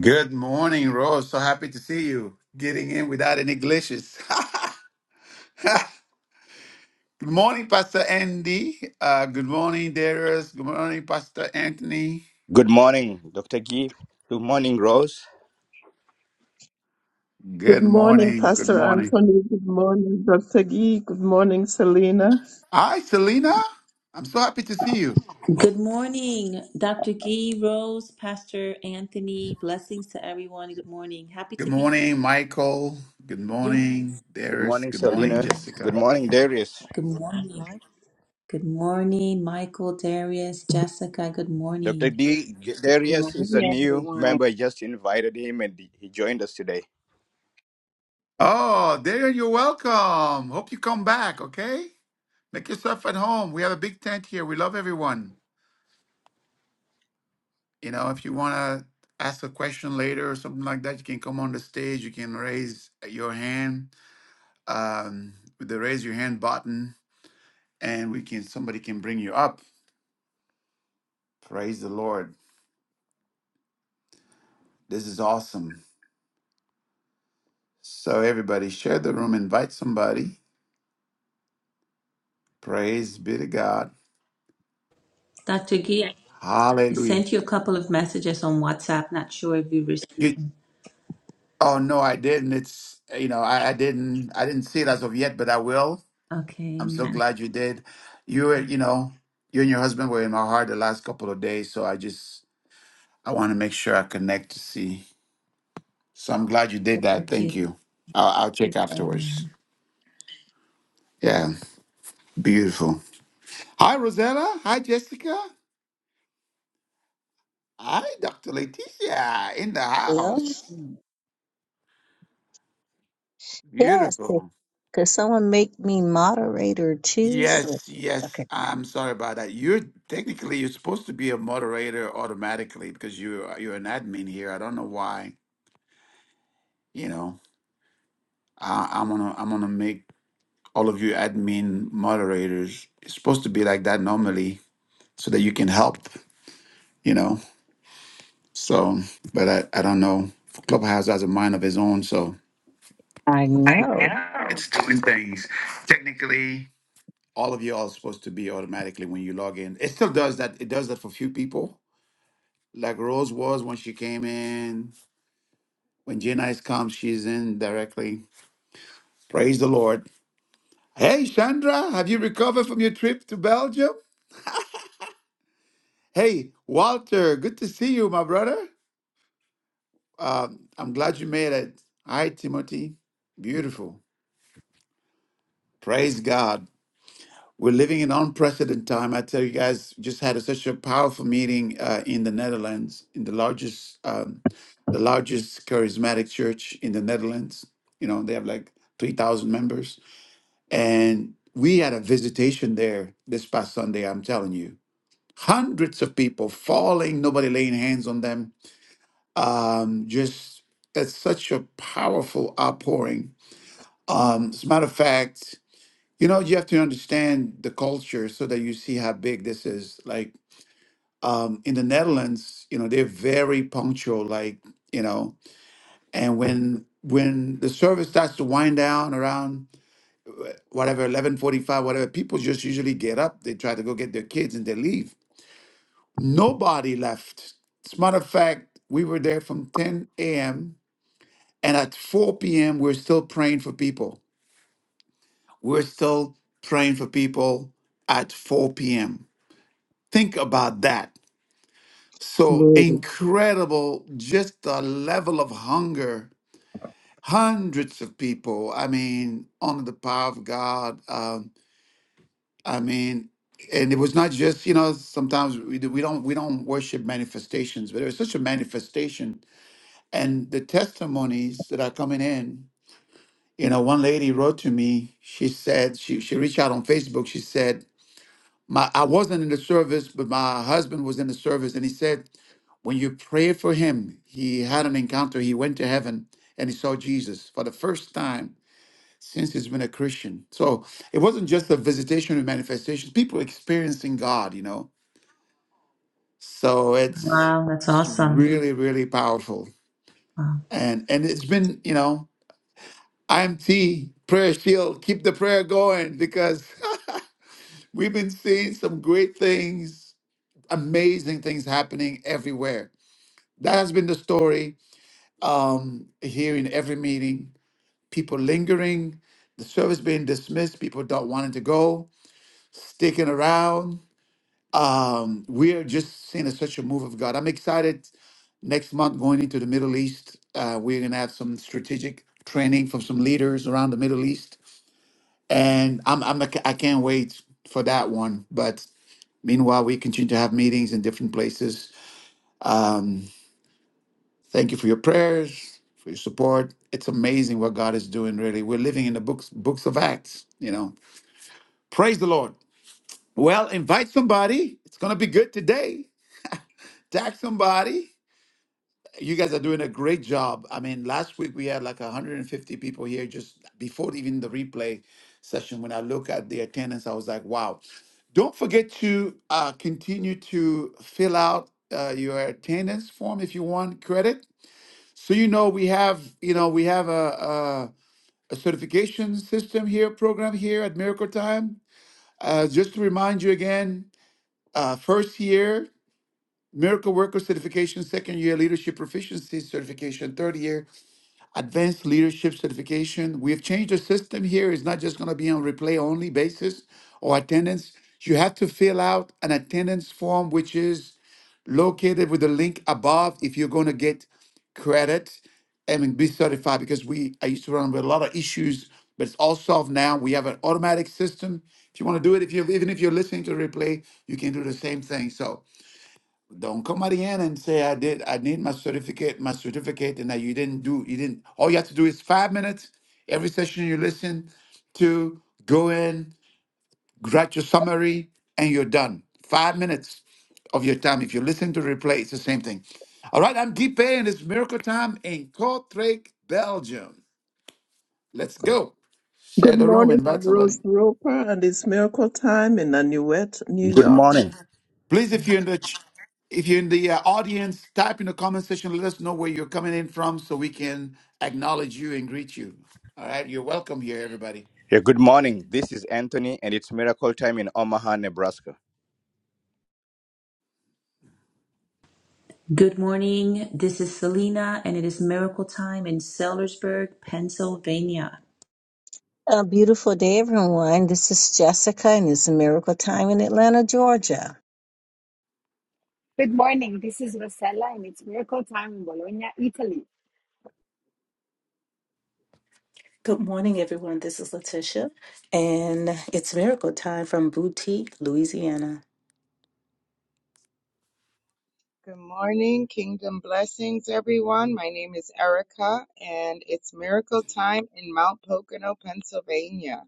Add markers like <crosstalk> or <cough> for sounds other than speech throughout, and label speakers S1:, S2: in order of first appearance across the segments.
S1: Good morning, Rose. So happy to see you. Getting in without any glitches. <laughs> good morning, Pastor Andy. Uh, good morning, Darius. Good morning, Pastor Anthony.
S2: Good morning, Dr. Gee. Good morning, Rose.
S3: Good
S1: Good
S3: morning,
S1: morning. Good
S3: Pastor
S1: morning.
S3: Anthony. Good morning, Dr. Gee. Good morning, Selena.
S1: Hi, Selena. I'm so happy to see you.
S4: Good morning, Dr. Gee, Rose, Pastor Anthony. Blessings to everyone. Good morning. Happy
S1: Good
S4: to be here.
S1: morning, Michael. Good
S4: Yes.
S1: morning,
S2: Good
S1: Darius.
S2: morning,
S1: Good morning,
S2: Selena.
S4: Good
S2: Good
S1: Jessica.
S2: morning, Darius.
S4: morning.
S5: morning.
S4: Good morning, Michael, Darius, Jessica. Good
S2: Dr.
S4: morning.
S2: D.
S5: Good
S2: Darius is a
S5: morning,
S2: new
S5: everyone.
S2: member. I just invited him and he joined us today.
S1: Oh, Darius, you're welcome. Hope you come back, okay? Make yourself at home. We have a big tent here. We love everyone. You know, if you want to ask a question later or something like that, you can come on the stage. You can raise your hand um, with the raise your hand button, and we can somebody can bring you up. Praise the Lord! This is awesome. So everybody, share the room, invite somebody. Praise be to God.
S4: Dr. Gee, I
S1: Hallelujah.
S4: sent you a couple of messages on WhatsApp. Not sure if you received
S1: You,
S4: them.
S1: oh no, I didn't. It's you know I, I didn't I didn't see it as of yet, but I will.
S4: Okay,
S1: I'm so
S4: amen.
S1: glad you did. You were, you know, you and your husband were in my heart the last couple of days, so I just I want to make sure I connect to see. So I'm glad you did that.
S4: Thank
S1: Thank
S4: you.
S1: you. I'll, I'll check afterwards.
S4: Amen.
S1: Yeah, beautiful. Hi, Rosetta. Hi, Jessica. Hi, Dr. Leticia in the
S5: Hello.
S1: house.
S5: Yes. Could
S1: Beautiful.
S5: could someone make me moderator too? So,
S1: Yes, yes.
S5: okay.
S1: I'm sorry about that. You're technically you're supposed to be a moderator automatically because you are you're an admin here. I don't know why. You know. I, I'm gonna I'm gonna make all of you admin moderators. It's supposed to be like that normally, so that you can help, you know. So, but I, I don't know. Clubhouse has a mind of its own, so
S5: I
S1: I
S5: know.
S1: know it's doing things. Technically, all of you are supposed to be automatically when you log in. It still does that. It does that for few people. Like Rose was when she came in. When Jay Nice comes, she's in directly. Praise the Lord. Hey, Chandra, have you recovered from your trip to Belgium? Hey, Walter, good to see you, my brother. Um, I'm glad you made it. Hi, Timothy. Beautiful. Praise God. We're living in unprecedented time. I tell you guys, just had a, such a powerful meeting uh, in the Netherlands, in the largest, um, the largest charismatic church in the Netherlands. You know, they have like three thousand members, and we had a visitation there this past Sunday. I'm telling you, hundreds of people falling, nobody laying hands on them Um, just that's such a powerful outpouring. Um, as a matter of fact, you know, you have to understand the culture so that you see how big this is. Like um, in the Netherlands, you know, they're very punctual. Like you know, and when when the service starts to wind down around whatever eleven forty five, whatever, people just usually get up. They try to go get their kids and they leave. Nobody left. As a matter of fact, we were there from ten a.m. And at 4 p.m., we're still praying for people. We're still praying for people at 4 p.m. Think about that. So
S3: Glory.
S1: incredible, just the level of hunger. Hundreds of people, I mean, under the power of God. Um, I mean, and it was not just you know sometimes we, do- we don't we don't worship manifestations but it was such a manifestation and the testimonies that are coming in You know, one lady wrote to me. She said she she reached out on Facebook. She said, "My I wasn't in the service, but my husband was in the service, and he said, when you prayed for him, he had an encounter. He went to heaven and he saw Jesus for the first time since he's been a Christian. So it wasn't just a visitation or manifestation. People experiencing God, you know. So it's,
S4: Wow, that's
S1: it's
S4: awesome.
S1: really, really powerful.
S4: Wow.
S1: And and it's been, you know, IMT prayer shield. Keep the prayer going because <laughs> We've been seeing some great things, amazing things happening everywhere. That has been the story um, here in every meeting. People lingering, the service being dismissed, people not wanting to go, sticking around. Um, we are just seeing a, such a move of God. I'm excited. Next month, going into the Middle East, uh, we're gonna have some strategic training from some leaders around the Middle East, and I'm, I'm I can't wait for that one. But Meanwhile, we continue to have meetings in different places. Um, thank you for your prayers, for your support. It's amazing what God is doing. Really, we're living in the books books of Acts. You know, praise the Lord. Well, invite somebody. It's gonna be good today. Tag somebody. You guys are doing a great job. I mean, last week we had like 150 people here just before even the replay session. When I look at the attendance, I was like, wow. Don't forget to uh, continue to fill out uh, your attendance form if you want credit. So you know we have, you know, we have a, a, a certification system here, program here at Miracle Time. Uh, just to remind you again, uh, first year Miracle Worker Certification, second year Leadership Proficiency Certification, third year advanced leadership certification. We have changed the system here. It's not just going to be on replay only basis or attendance. You have to fill out an attendance form, which is located with the link above if you're going to get credit and be certified because we I used to run with a lot of issues, but it's all solved now. We have an automatic system. If you want to do it, if you even if you're listening to the replay, you can do the same thing. So don't come at the end and say I did. I need my certificate, my certificate, and that you didn't do. You didn't. All you have to do is five minutes every session you listen to. Go in, write your summary, and you're done. Five minutes of your time. If you listen to replay, it's the same thing. All right, I'm Deep and it's Miracle Time in Kortrijk, Belgium. Let's go.
S3: Good
S1: Share the room.
S3: morning, I'm
S1: Invite somebody.
S3: Rose Roper, and it's miracle time in Nanuet, New
S2: Good
S3: York.
S2: morning.
S1: Please, if you're in the ch- if you're in the uh, audience, type in the comment section. Let us know where you're coming in from, so we can acknowledge you and greet you. All right, you're welcome here, everybody.
S2: Yeah, good morning. This is Anthony and it's miracle time in Omaha, Nebraska.
S4: Good morning. This is Selena, and it is miracle time in Sellersburg, Pennsylvania.
S5: A beautiful day, everyone. This is Jessica, and it's Miracle Time in Atlanta, Georgia.
S6: Good morning. This is Rosella, and it's miracle time in Bologna, Italy.
S7: Good morning, everyone. This is Letitia, and it's miracle time from Boutique, Louisiana.
S8: Good morning, kingdom blessings, everyone. My name is Erica, and it's miracle time in Mount Pocono, Pennsylvania.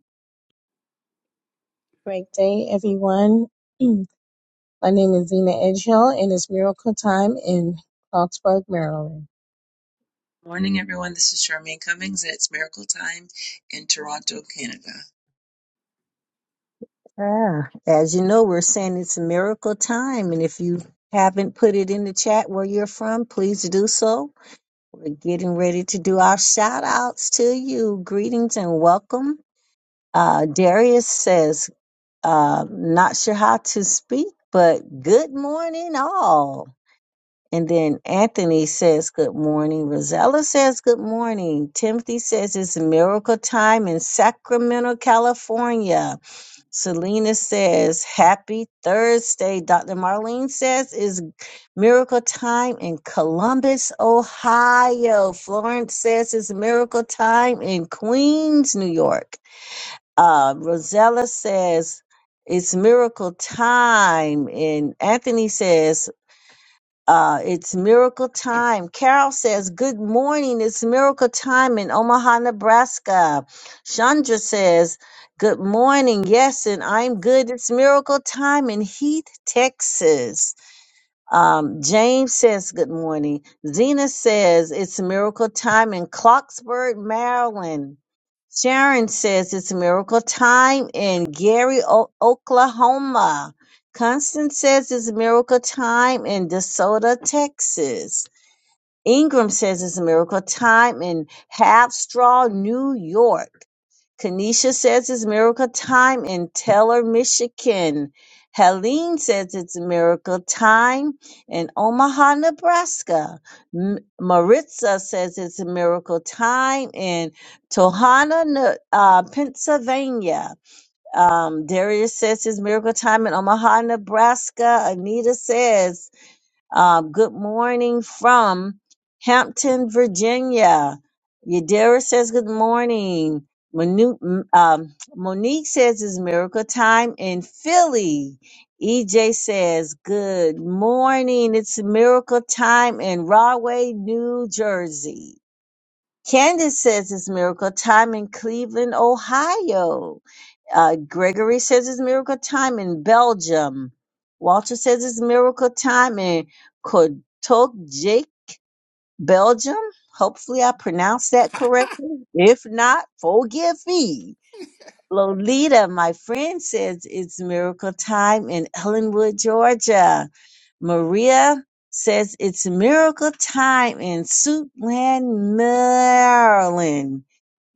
S9: Great day, everyone. <clears throat> My name is Zena Edgehill, and it's Miracle Time in Clarksburg, Maryland.
S10: Morning, everyone. This is Charmaine Cummings, and it's Miracle Time in Toronto, Canada.
S5: Ah, as you know, we're saying it's a miracle time, and if you haven't put it in the chat where you're from, please do so. We're getting ready to do our shout outs to you. Greetings and welcome. Uh, Darius says, uh, not sure how to speak, but good morning, all. And then Anthony says, Good morning. Rosella says, Good morning. Timothy says, It's miracle time in Sacramento, California. Selena says, Happy Thursday. Dr. Marlene says, It's miracle time in Columbus, Ohio. Florence says, It's miracle time in Queens, New York uh, Rosella says it's miracle time, and Anthony says uh, it's miracle time. Carol says good morning, it's miracle time in Omaha, Nebraska. Chandra says good morning, yes, and I'm good. It's miracle time in Heath, Texas. Um, James says good morning. Zena says it's miracle time in Clarksburg, Maryland. Sharon says it's miracle time in Gary, o- Oklahoma. Constance says it's miracle time in DeSoto, Texas. Ingram says it's miracle time in Half Straw, New York. Tanisha says it's miracle time in Taylor, Michigan. Helene says it's miracle time in Omaha, Nebraska. M- Maritza says it's a miracle time in Tohana, Ne- uh, Pennsylvania. Um, Darius says it's miracle time in Omaha, Nebraska. Anita says uh, good morning from Hampton, Virginia. Yadira says good morning. Manu- m- um, Monique says it's miracle time in Philly. EJ says good morning. It's miracle time in Rahway, New Jersey. Candace says it's miracle time in Cleveland, Ohio. Uh, Gregory says it's miracle time in Belgium. Walter says it's miracle time in Jake, Belgium. Hopefully, I pronounced that correctly. If not, forgive me. Lolita, my friend, says it's miracle time in Ellenwood, Georgia. Maria says it's miracle time in Suitland, Maryland.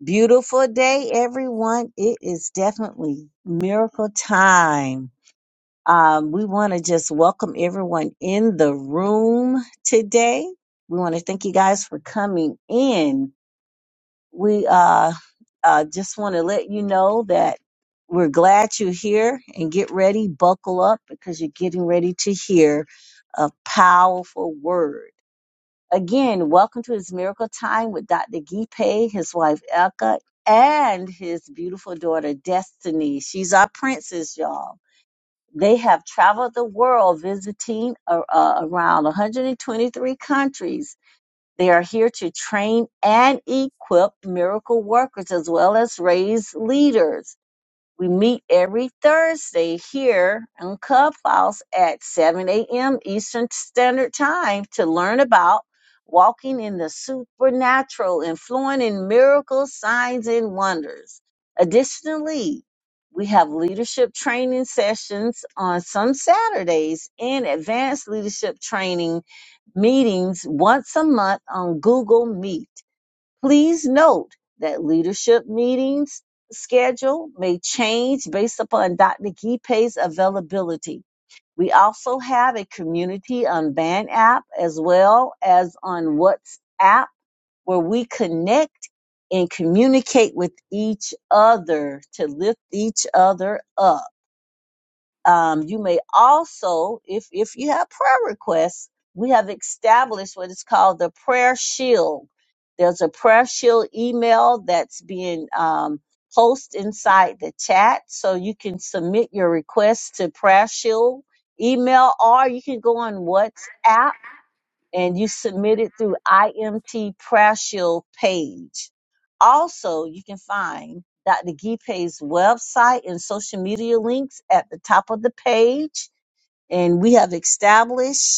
S5: Beautiful day, everyone. It is definitely miracle time. Um, we want to just welcome everyone in the room today. We want to thank you guys for coming in. We uh, uh, just want to let you know that we're glad you're here and get ready, buckle up because you're getting ready to hear a powerful word. Again, welcome to his miracle time with Dr. Gipe, his wife Elka, and his beautiful daughter Destiny. She's our princess, y'all. They have traveled the world visiting uh, uh, around 123 countries. They are here to train and equip miracle workers as well as raise leaders. We meet every Thursday here on Clubhouse at 7 a.m. Eastern Standard Time to learn about walking in the supernatural and flowing in miracles, signs, and wonders. Additionally, we have leadership training sessions on some Saturdays and advanced leadership training meetings once a month on Google Meet. Please note that leadership meetings schedule may change based upon Dr. Gipe's availability. We also have a community on Band app as well as on WhatsApp where we connect and communicate with each other to lift each other up. Um, you may also, if if you have prayer requests, we have established what is called the prayer shield. There's a prayer shield email that's being um, posted inside the chat, so you can submit your requests to prayer shield email, or you can go on WhatsApp and you submit it through IMT Prayer Shield page. Also, you can find Dr. Gipe's website and social media links at the top of the page. And we have established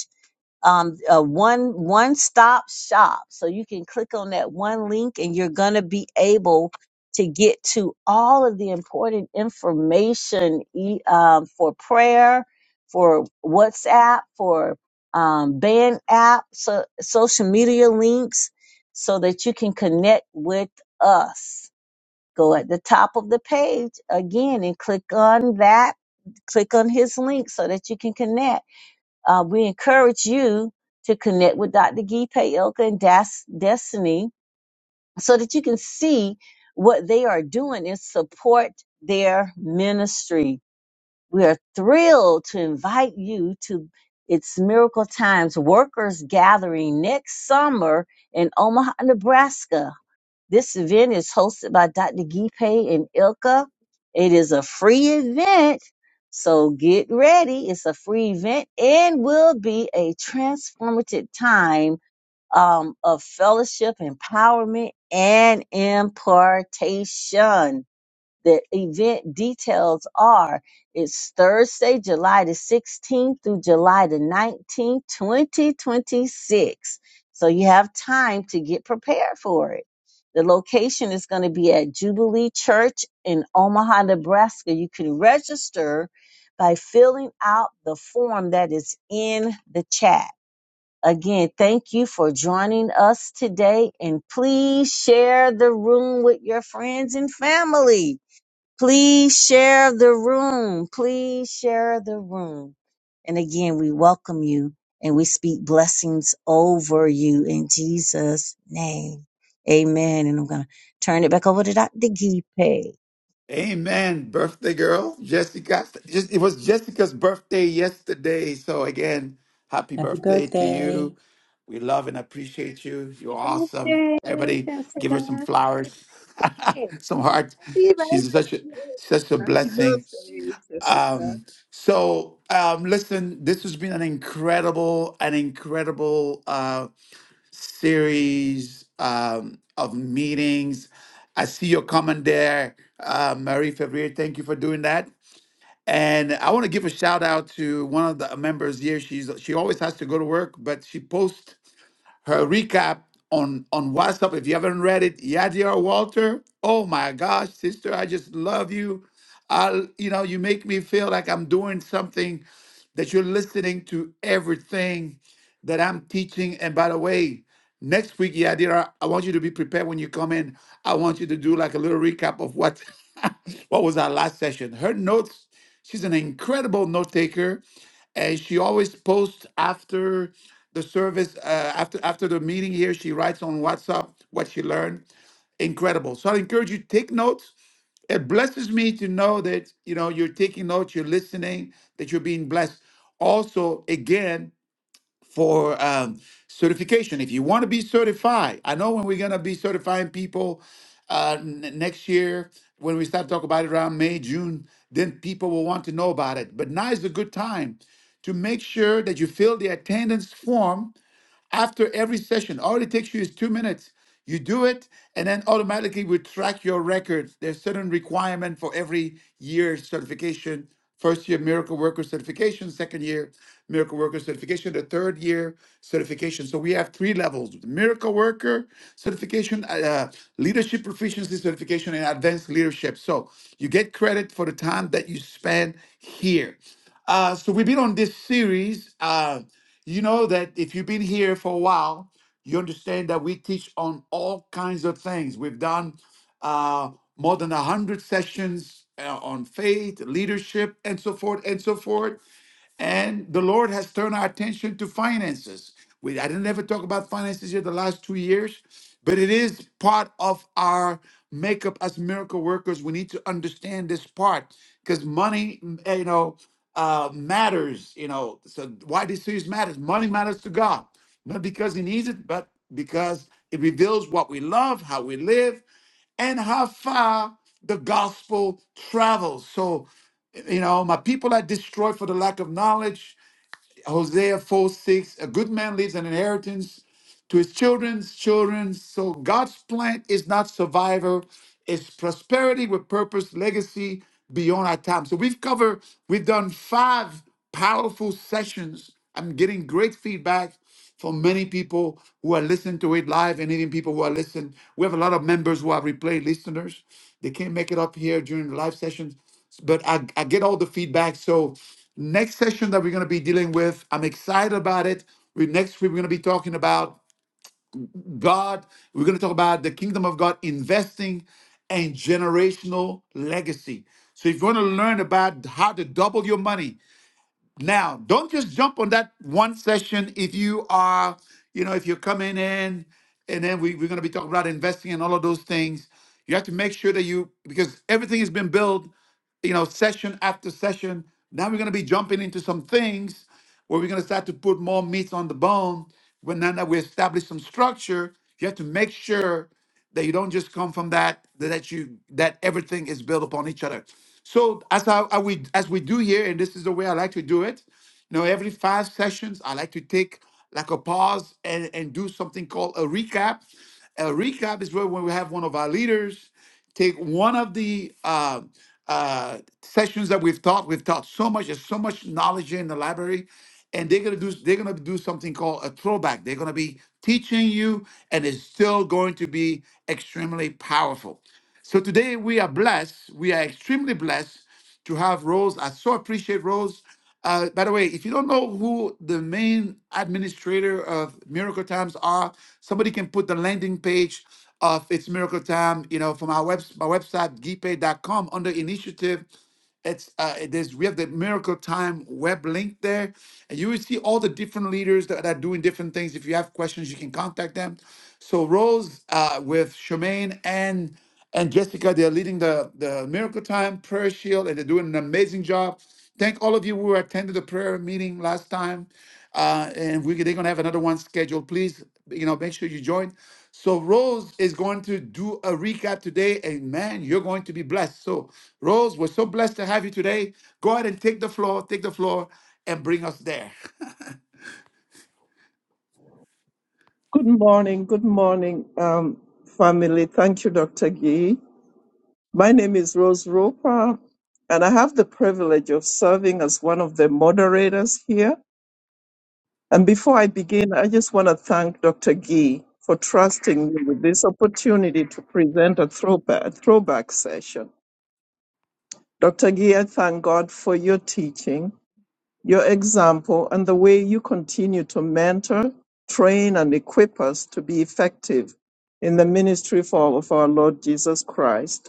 S5: um, a one one stop shop. So you can click on that one link, and you're gonna be able to get to all of the important information e- um, for prayer, for WhatsApp, for um, band app, so social media links, so that you can connect with us. Go at the top of the page again and click on that. Click on his link so that you can connect uh, we encourage you to connect with Dr. Gee Payoka and Das Destiny so that you can see what they are doing and support their ministry. We are thrilled to invite you to It's Miracle Times Workers Gathering next summer in Omaha, Nebraska. This event is hosted by Dr. Gipe and Ilka. It is a free event, so get ready. It's a free event and will be a transformative time um, of fellowship, empowerment, and impartation. The event details are it's Thursday, July the 16th through July the 19th, 2026. So you have time to get prepared for it. The location is going to be at Jubilee Church in Omaha, Nebraska. You can register by filling out the form that is in the chat. Again, thank you for joining us today and please share the room with your friends and family. Please share the room. Please share the room. And again, we welcome you and we speak blessings over you in Jesus' name. Amen. And I'm going to turn it back over to Dr. Gipe.
S1: Amen. Birthday girl, Jessica. Just- It was Jessica's birthday yesterday, so again, happy
S4: Happy
S1: birthday to
S4: birthday.
S1: you. We love and appreciate you. You're
S9: Happy
S1: awesome.
S9: birthday,
S1: Everybody, give
S9: Jessica.
S1: her some
S6: Good
S1: flowers,
S6: day.
S1: <laughs> some hearts. She's such a such a
S3: Happy
S1: blessing
S3: birthday, Jessica.
S1: Um, so um, listen, this has been an incredible, an incredible uh, series um, of meetings. I see your comment there, uh, Marie Fevrier. Thank you for doing that. And I want to give a shout out to one of the members here. She's she always has to go to work, but she posts her recap on on WhatsApp. If you haven't read it, Yadira Walter. Oh my gosh, sister, I just love you. I, you know, you make me feel like I'm doing something that you're listening to everything that I'm teaching. And by the way, next week, Yadira, I want you to be prepared when you come in. I want you to do like a little recap of what <laughs> what was our last session. Her notes. She's an incredible note taker and she always posts after the service uh, after after the meeting here she writes on whatsapp what she learned incredible so i encourage you to take notes it blesses me to know that you know you're taking notes you're listening that you're being blessed also again for um, certification. If you want to be certified, I know when we're going to be certifying people uh, n- next year, when we start talking about it around May, June, then people will want to know about it. But now is a good time to make sure that you fill the attendance form after every session. All it takes you is two minutes. You do it, and then automatically we track your records. There's certain requirement for every year certification. First year miracle worker certification, second year miracle worker certification, the third year certification. So we have three levels: miracle worker certification, uh, uh, leadership proficiency certification, and advanced leadership. So you get credit for the time that you spend here. Uh, so we've been on this series. Uh, you know that if you've been here for a while, you understand that we teach on all kinds of things. We've done uh, more than 100 sessions uh, on faith, leadership, and so forth, and so forth. And the Lord has turned our attention to finances. We, I didn't ever talk about finances here the last two years, but it is part of our makeup as miracle workers. We need to understand this part because money, m- eh, you know, uh, matters. You know, so why this series matters. Money matters to God, not because He needs it, but because it reveals what we love, how we live, and how far the gospel travels. So you know, my people are destroyed for the lack of knowledge. Hosea 4 6, a good man leaves an inheritance to his children's children. So God's plan is not survival, it's prosperity with purpose, legacy beyond our time. So we've covered, we've done five powerful sessions. I'm getting great feedback from many people who are listening to it live and even people who are listening. We have a lot of members who are replay listeners. They can't make it up here during the live sessions, but I, I get all the feedback. So next session that we're going to be dealing with, I'm excited about it. We, next week, we're going to be talking about God, we're going to talk about the kingdom of God investing and generational legacy. So if you want to learn about how to double your money, now don't just jump on that one session if you are, you know, if you're coming in and then we, we're going to be talking about investing and all of those things. You have to make sure that you because everything has been built you know, session after session. Now we're going to be jumping into some things where we're going to start to put more meat on the bone. When now that we establish some structure, you have to make sure that you don't just come from that that you that everything is built upon each other. So as I, I we as we do here, and this is the way I like to do it. You know, every five sessions, I like to take like a pause and, and do something called a recap. A recap is where when we have one of our leaders take one of the uh, uh, sessions that we've taught. We've taught so much. There's so much knowledge here in the library, and they're gonna do they're gonna do something called a throwback. They're gonna be teaching you, and it's still going to be extremely powerful. So today we are blessed. We are extremely blessed to have Rose. I so appreciate Rose. Uh, by the way, if you don't know who the main administrator of Miracle Times are, somebody can put the landing page of It's Miracle Time, you know, from our web, my website, gpay dot com under initiative. It's uh, there's we have the Miracle Time web link there, and you will see all the different leaders that are doing different things. If you have questions, you can contact them. So Rose uh, with Charmaine and and Jessica, they're leading the the Miracle Time Prayer Shield, and they're doing an amazing job. Thank all of you who attended the prayer meeting last time. Uh, and we, they're going to have another one scheduled. Please, you know, make sure you join. So Rose is going to do a recap today. And man, you're going to be blessed. So Rose, we're so blessed to have you today. Go ahead and take the floor, take the floor and bring us there. <laughs>
S3: Good morning, good morning, um, family. Thank you, Dr. Gee. My name is Rose Roper, and I have the privilege of serving as one of the moderators here. And before I begin, I just want to thank Dr. Gee for trusting me with this opportunity to present a throwback, throwback session. Dr. Gee, I thank God for your teaching, your example, and the way you continue to mentor, train, and equip us to be effective in the ministry for, of our Lord Jesus Christ.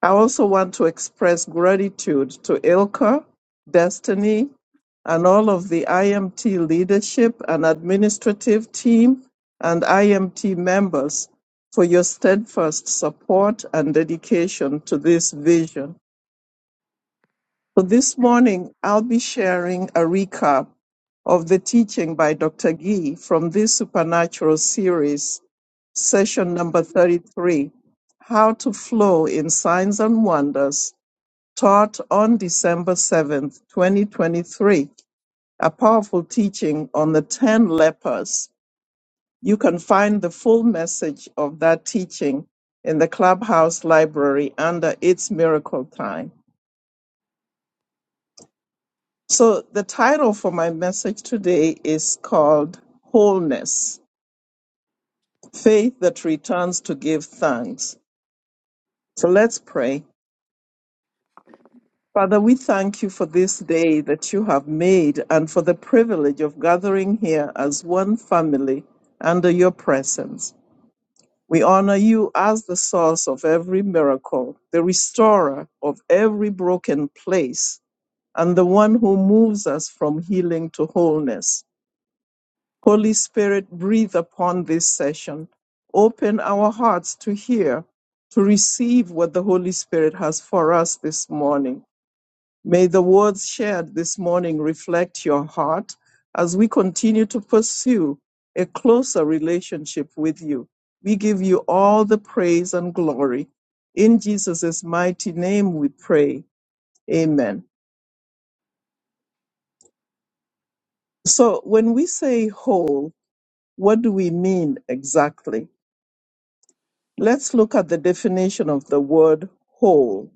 S3: I also want to express gratitude to Ilka, Destiny, and all of the IMT leadership and administrative team and IMT members for your steadfast support and dedication to this vision. So this morning, I'll be sharing a recap of the teaching by Dr. Gee from this supernatural series, session number 33, How to Flow in Signs and Wonders taught on December 7th, 2023, a powerful teaching on the 10 lepers. You can find the full message of that teaching in the Clubhouse Library under It's Miracle Time. So, the title for my message today is called Wholeness Faith that Returns to Give Thanks. So, let's pray. Father, we thank you for this day that you have made and for the privilege of gathering here as one family under your presence. We honor you as the source of every miracle, the restorer of every broken place, and the one who moves us from healing to wholeness. Holy Spirit, breathe upon this session. Open our hearts to hear, to receive what the Holy Spirit has for us this morning. May the words shared this morning reflect your heart as we continue to pursue a closer relationship with you. We give you all the praise and glory. In Jesus' mighty name we pray. Amen. So, when we say whole, what do we mean exactly? Let's look at the definition of the word whole.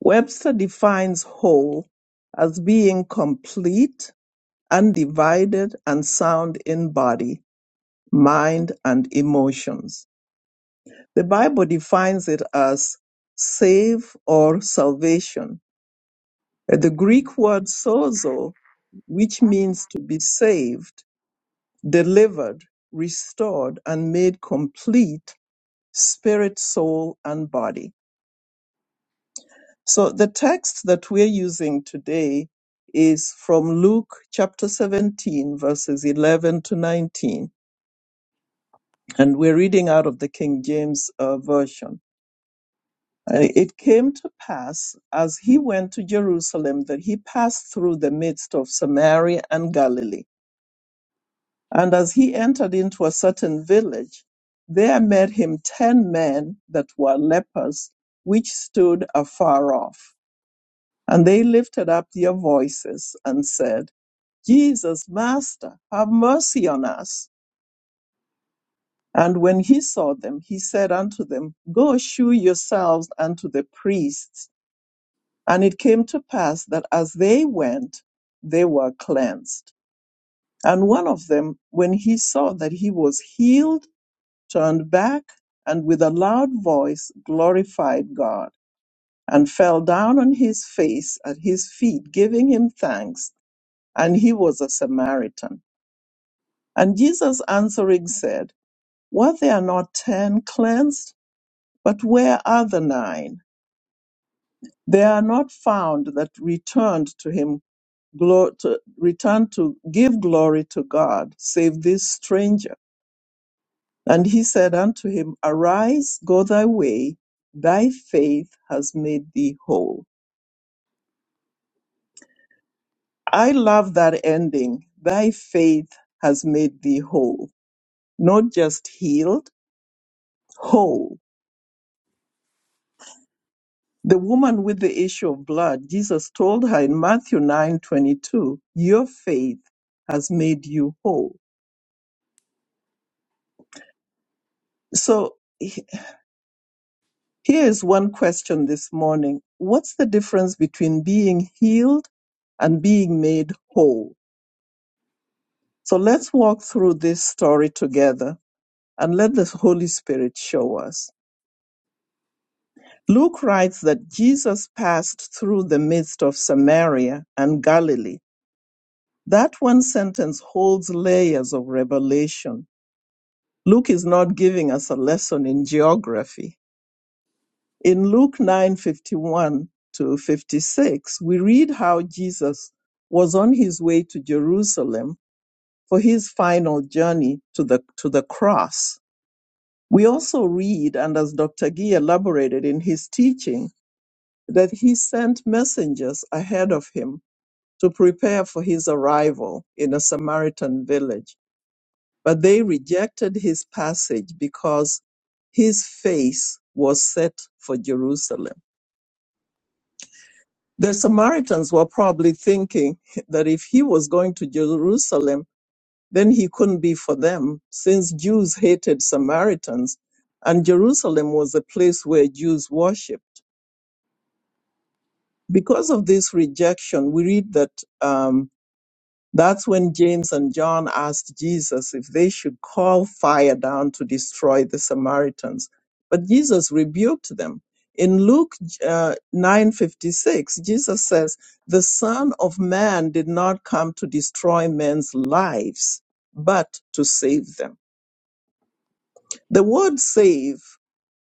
S3: Webster defines whole as being complete undivided and sound in body, mind, and emotions. The Bible defines it as save or salvation. Uh, The Greek word sozo, which means to be saved, delivered, restored, and made complete, spirit, soul, and body. So the text that we're using today is from Luke chapter 17, verses 11 to 19 And we're reading out of the King James uh, Version. And it came to pass as he went to Jerusalem that he passed through the midst of Samaria and Galilee. And as he entered into a certain village, there met him ten men that were lepers, which stood afar off. And they lifted up their voices and said, Jesus, Master, have mercy on us. And when he saw them, he said unto them, Go shew yourselves unto the priests. And it came to pass that as they went, they were cleansed. And one of them, when he saw that he was healed, turned back, and with a loud voice glorified God, and fell down on his face at his feet, giving him thanks. And he was a Samaritan. And Jesus answering said, Were there not ten cleansed? But where are the nine? They are not found that returned to him, glo- to, returned to give glory to God, save this stranger. And he said unto him, Arise, go thy way, thy faith has made thee whole. I love that ending. Thy faith has made thee whole. Not just healed, whole. The woman with the issue of blood, Jesus told her in Matthew 9:22, "Your faith has made you whole." So he- here is one question this morning. What's the difference between being healed and being made whole? So let's walk through this story together and let the Holy Spirit show us. Luke writes that Jesus passed through the midst of Samaria and Galilee. That one sentence holds layers of revelation. Luke is not giving us a lesson in geography. In Luke 9:51 to 56, we read how Jesus was on his way to Jerusalem for his final journey to the to the cross. We also read and as Dr. Gee elaborated in his teaching that he sent messengers ahead of him to prepare for his arrival in a Samaritan village. But they rejected his passage because his face was set for Jerusalem. The Samaritans were probably thinking that if he was going to Jerusalem, then he couldn't be for them, since Jews hated Samaritans, and Jerusalem was a place where Jews worshiped. Because of this rejection, we read that. Um, That's when James and John asked Jesus if they should call fire down to destroy the Samaritans. But Jesus rebuked them. In Luke uh, 9:56, Jesus says, "The Son of Man did not come to destroy men's lives, but to save them." The word save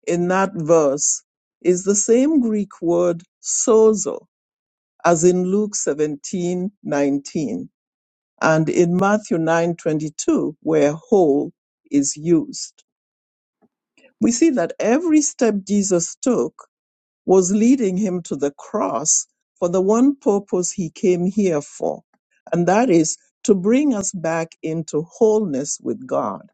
S3: in that verse is the same Greek word sozo as in Luke 17:19 and in Matthew 9:22 where whole is used. We see that every step Jesus took was leading him to the cross for the one purpose he came here for, and that is to bring us back into wholeness with God.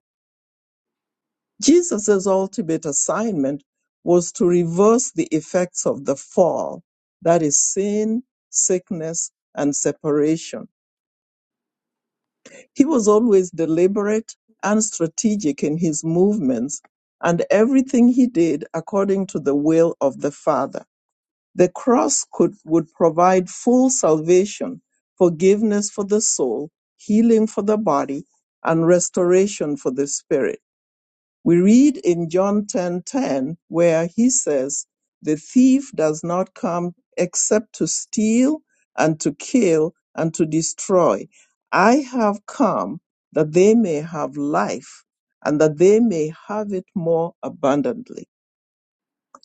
S3: Jesus' ultimate assignment was to reverse the effects of the fall, that is sin, sickness, and separation He was always deliberate and strategic in his movements and everything he did according to the will of the Father. The cross could, would provide full salvation, forgiveness for the soul, healing for the body, and restoration for the spirit. We read in John 10:10 where he says, "The thief does not come except to steal and to kill and to destroy. I have come that they may have life and that they may have it more abundantly."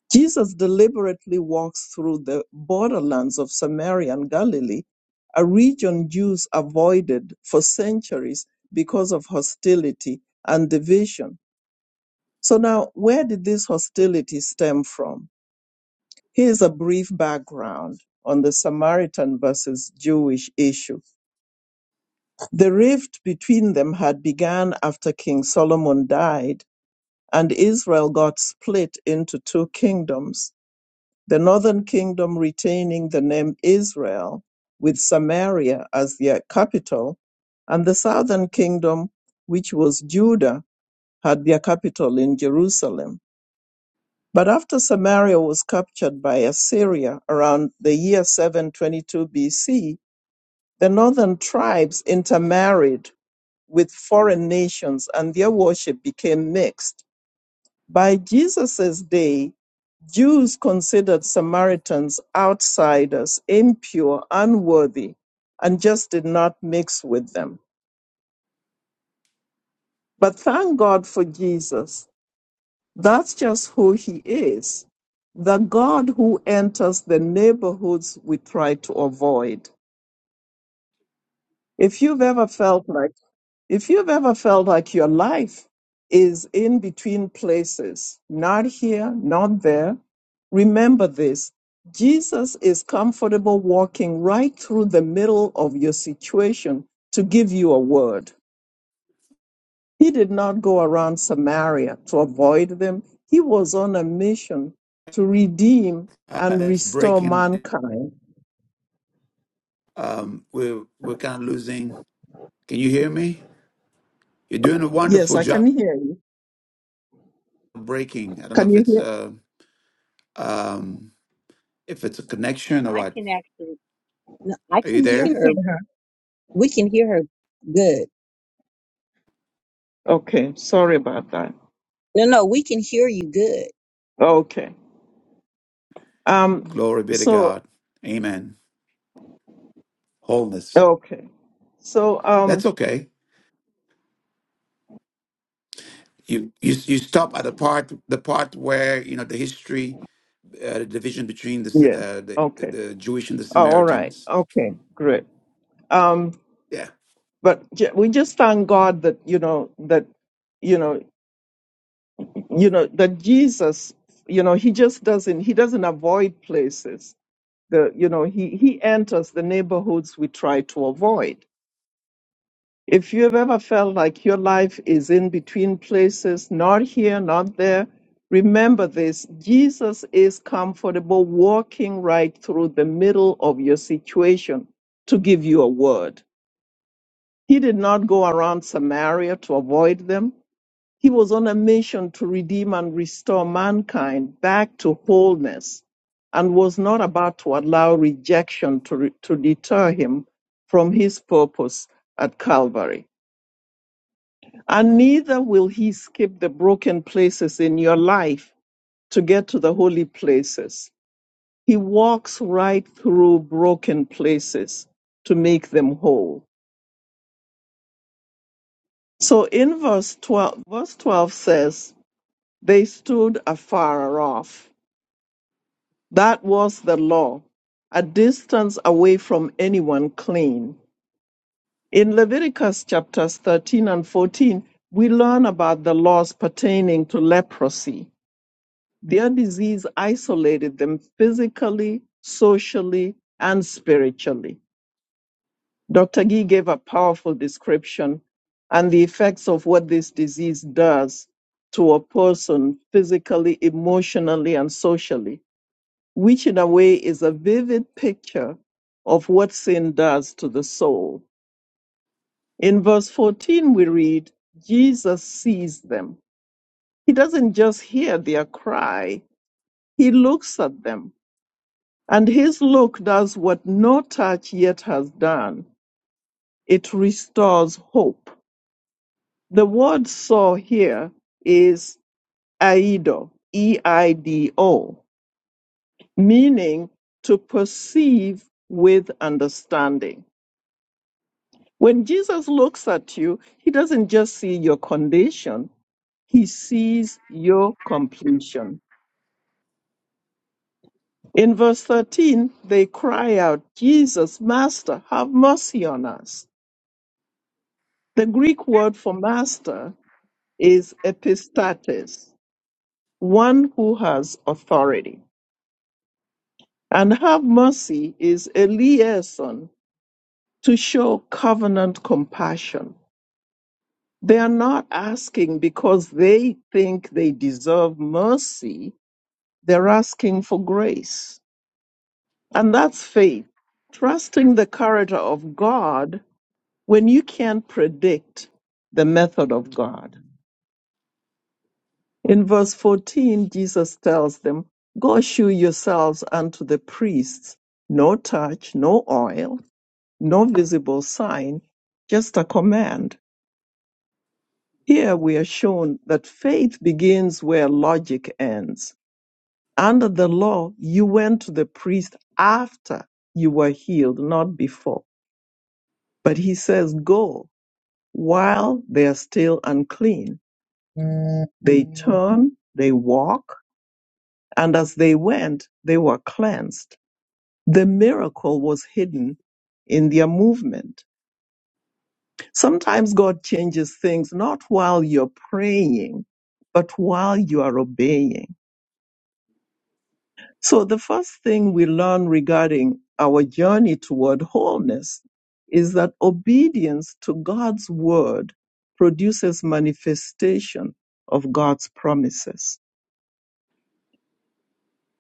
S3: Jesus deliberately walks through the borderlands of Samaria and Galilee, a region Jews avoided for centuries because of hostility and division. So now, where did this hostility stem from? Here's a brief background on the Samaritan versus Jewish issue. The rift between them had begun after King Solomon died, and Israel got split into two kingdoms. The northern kingdom retaining the name Israel, with Samaria as their capital, and the southern kingdom, which was Judah, had their capital in Jerusalem. But after Samaria was captured by Assyria around the year 722 BC, the northern tribes intermarried with foreign nations and their worship became mixed. By Jesus' day, Jews considered Samaritans outsiders, impure, unworthy, and just did not mix with them. But thank God for Jesus That's just who he is. The God who enters the neighborhoods we try to avoid. If you've ever felt like, if you've ever felt like your life is in between places, not here, not there, remember this. Jesus is comfortable walking right through the middle of your situation to give you a word. He did not go around Samaria to avoid them. He was on a mission to redeem
S1: Uh,
S3: and
S1: it's
S3: restore
S1: breaking.
S3: mankind.
S1: Um, we're, we're kind of losing. Can you hear me? You're doing a
S3: Yes,
S1: wonderful
S3: I
S1: job
S3: can hear you.
S1: of breaking. I don't know
S3: Can
S1: if
S3: you
S1: it's,
S3: hear?
S1: uh, um, if it's a connection or
S5: I
S1: what.
S5: can actually, no, I
S1: Are you
S5: can
S9: We
S5: hear
S1: there?
S9: can hear
S5: her.
S9: her.
S5: We can hear her good.
S3: Okay, sorry about that.
S5: No, no, we can hear you good.
S3: Okay. Um
S1: Glory be to
S3: so
S1: God. Amen. Wholeness.
S3: okay. So
S1: That's
S3: um
S1: okay. You you you stop at the part the part where you know the history, uh, the division between the, S-
S3: yeah,
S1: uh, the
S3: okay.
S1: the Jewish and the
S3: Oh, all right.
S1: Samaritans.
S3: Okay, great. Um
S1: Yeah.
S3: but ju- we just thank God that you know that you know you know that Jesus you know he just doesn't he doesn't avoid places the you know he he enters the neighborhoods we try to avoid if you have ever felt like your life is in between places not here not there remember this jesus is comfortable walking right through the middle of your situation to give you a word he did not go around samaria to avoid them he was on a mission to redeem and restore mankind back to wholeness and was not about to allow rejection to, re- to deter him from his purpose at Calvary. And neither will he skip the broken places in your life to get to the holy places. He walks right through broken places to make them whole. So in verse 12, verse 12 says, They stood afar off That was the law, a distance away from anyone clean. In Leviticus chapters 13 and 14, we learn about the laws pertaining to leprosy. Their disease isolated them physically, socially, and spiritually. Dr. Gee gave a powerful description and the effects of what this disease does to a person physically, emotionally, and socially. which in a way is a vivid picture of what sin does to the soul. In verse 14, we read, Jesus sees them. He doesn't just hear their cry, he looks at them. And his look does what no touch yet has done it restores hope. The word saw here is aido, E I D O, meaning to perceive with understanding. When Jesus looks at you, he doesn't just see your condition, he sees your completion. In verse 13, they cry out, Jesus, Master, have mercy on us. The Greek word for master is epistates, one who has authority. And have mercy is a liaison to show covenant compassion. They are not asking because they think they deserve mercy They're asking for grace. And that's faith, trusting the character of God when you can't predict the method of God. In verse 14, Jesus tells them, Go shew yourselves unto the priests, no touch, no oil, no visible sign, just a command. Here we are shown that faith begins where logic ends Under the law, you went to the priest after you were healed, not before. But he says, go while they are still unclean. They Mhm. turn, they walk, and as they went, they were cleansed. The miracle was hidden in their movement. Sometimes God changes things not while you're praying, but while you are obeying. So the first thing we learn regarding our journey toward wholeness is that obedience to God's word produces manifestation of God's promises.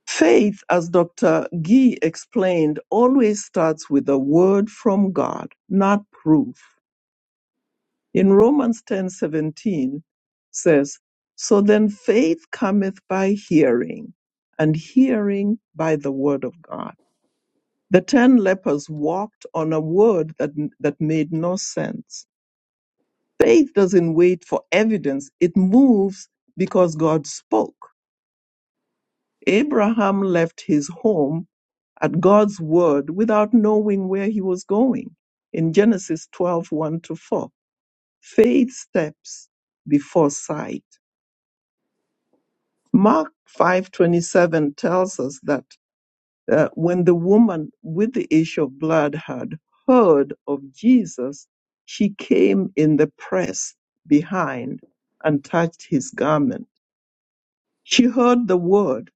S3: Faith, as Dr. Gee explained, always starts with a word from God, not proof. In Romans 10:17 says, "So then faith cometh by hearing, and hearing by the word of God." The ten lepers walked on a word that, that made no sense. Faith doesn't wait for evidence, it moves because God spoke. Abraham left his home at God's word without knowing where he was going in Genesis twelve one to 4. Faith steps before sight. Mark 5:27 tells us that Uh, when the woman with the issue of blood had heard of Jesus, she came in the press behind and touched his garment. She heard the word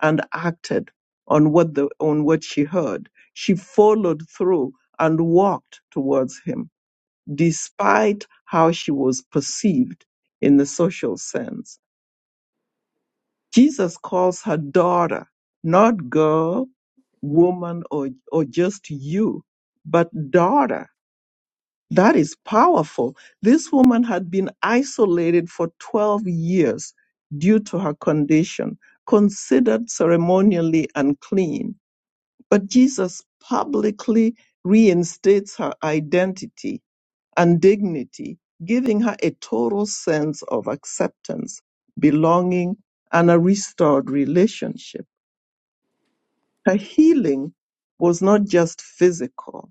S3: and acted on what the on what she heard. She followed through and walked towards him, despite how she was perceived in the social sense. Jesus calls her daughter, not girl, woman, or, or just you, but daughter. That is powerful. This woman had been isolated for 12 years due to her condition, considered ceremonially unclean. But Jesus publicly reinstates her identity and dignity, giving her a total sense of acceptance, belonging, and a restored relationship. Her healing was not just physical,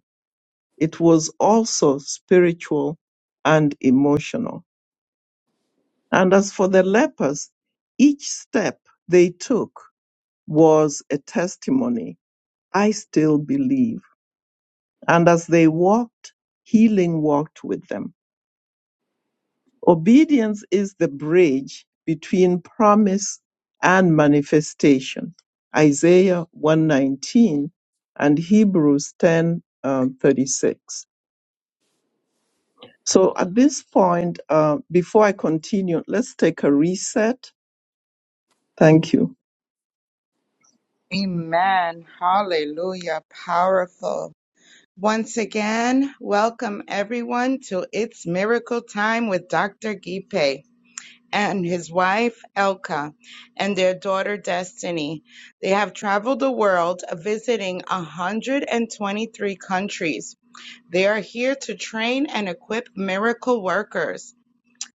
S3: it was also spiritual and emotional. And as for the lepers, each step they took was a testimony. I still believe. And as they walked, healing walked with them Obedience is the bridge between promise and manifestation. Isaiah 119 and Hebrews 10 um, 36. So at this point, uh, before I continue, let's take a reset. Thank you.
S8: Amen. Hallelujah. Powerful. Once again, welcome everyone to It's Miracle Time with Dr. Gipe and his wife, Elka, and their daughter, Destiny. They have traveled the world visiting 123 countries They are here to train and equip miracle workers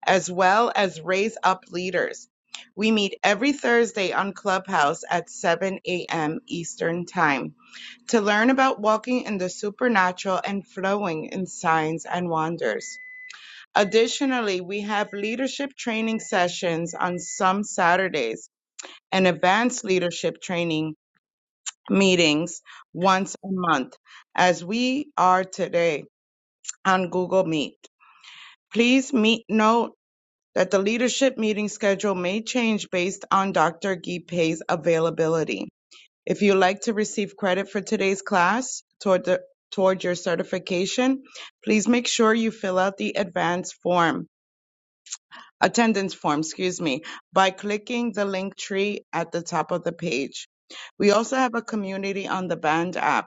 S8: as well as raise up leaders. We meet every Thursday on Clubhouse at 7 a.m. Eastern Time to learn about walking in the supernatural and flowing in signs and wonders. Additionally, we have leadership training sessions on some Saturdays and advanced leadership training meetings once a month, as we are today on Google Meet. Please meet- note that the leadership meeting schedule may change based on Dr. Gipe's availability. If you'd like to receive credit for today's class toward the- toward your certification, please make sure you fill out the advance form, attendance form, excuse me, by clicking the link tree at the top of the page. We also have a community on the Band app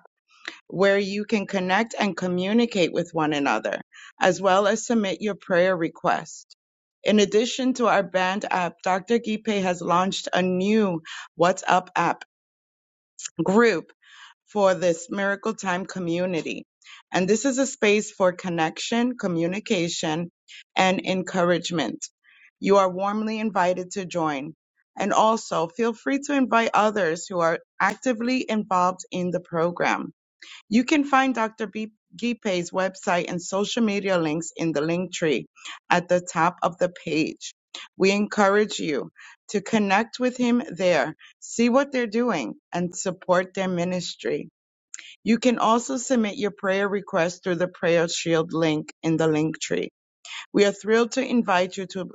S8: where you can connect and communicate with one another, as well as submit your prayer request. In addition to our band app, Dr. Gipe has launched a new WhatsApp app group for this Miracle Time community. And this is a space for connection, communication, and encouragement. You are warmly invited to join. And also feel free to invite others who are actively involved in the program. You can find Dr. B- Gipe's website and social media links in the link tree at the top of the page. We encourage you to connect with him there, see what they're doing, and support their ministry. You can also submit your prayer request through the Prayer Shield link in the link tree. We are thrilled to invite you to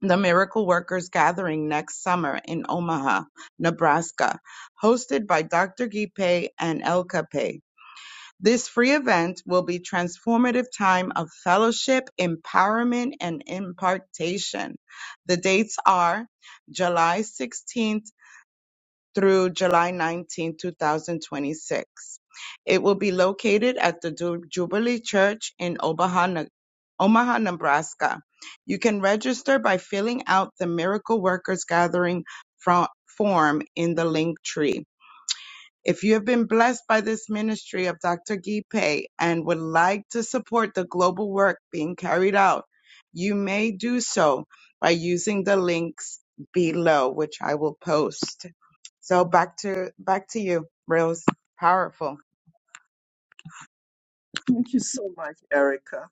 S8: the Miracle Workers Gathering next summer in Omaha, Nebraska, hosted by Dr. Gipe and El Cape. This free event will be transformative time of fellowship, empowerment, and impartation. The dates are July 16th through July 19th, 2026. It will be located at the Ju- Jubilee Church in Omaha, Ne- Omaha, Nebraska. You can register by filling out the Miracle Workers Gathering fro- form in the link tree. If you have been blessed by this ministry of Dr. Gipe and would like to support the global work being carried out, you may do so by using the links below, which I will post. So back to back to you, Rose. Powerful.
S3: Thank you so much, Erica.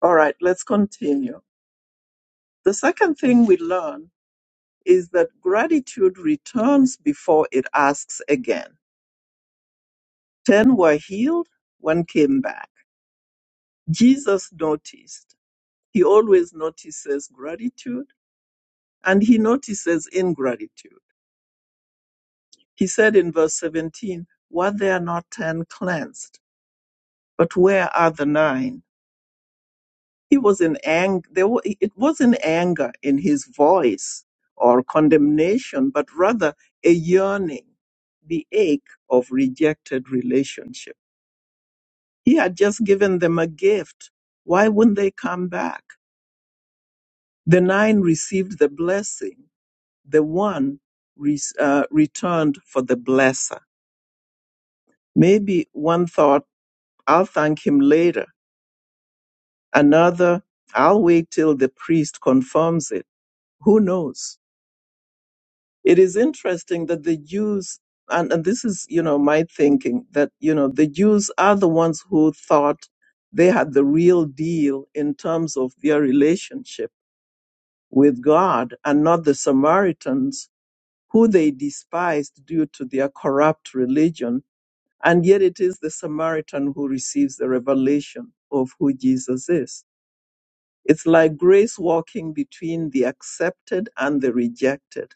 S3: All right, let's continue. The second thing we learn is that gratitude returns before it asks again. Ten were healed, one came back. Jesus noticed. He always notices gratitude and he notices ingratitude. He said in verse 17, Were there not ten cleansed? But where are the nine? He was in anger. There wa- it wasn't anger in his voice or condemnation, but rather a yearning, the ache of rejected relationship. He had just given them a gift. Why wouldn't they come back? The nine received the blessing. The one re- uh, returned for the blesser. Maybe one thought, I'll thank him later. Another, I'll wait till the priest confirms it. Who knows? it is interesting that the Jews, and, and this is, you know, my thinking that, you know, the Jews are the ones who thought they had the real deal in terms of their relationship with God and not the Samaritans who they despised due to their corrupt religion. And yet it is the Samaritan who receives the revelation of who Jesus is. It's like grace walking between the accepted and the rejected,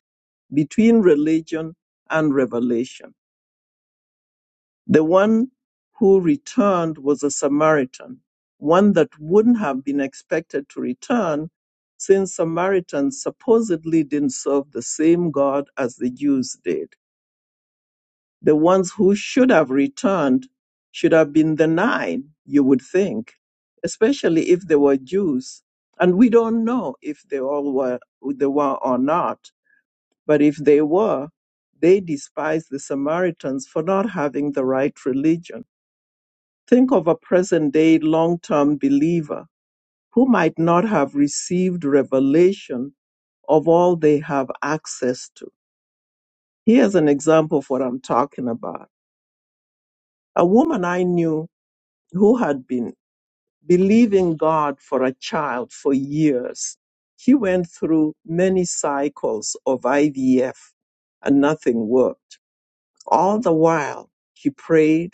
S3: between religion and revelation. The one who returned was a Samaritan, one that wouldn't have been expected to return since Samaritans supposedly didn't serve the same God as the Jews did. The ones who should have returned should have been the nine, you would think, especially if they were Jews. And we don't know if they all were, they were or not. But if they were, they despised the Samaritans for not having the right religion. Think of a present day long term believer who might not have received revelation of all they have access to. Here's an example of what I'm talking about. A woman I knew who had been believing God for a child for years. He went through many cycles of IVF and nothing worked. All the while, he prayed,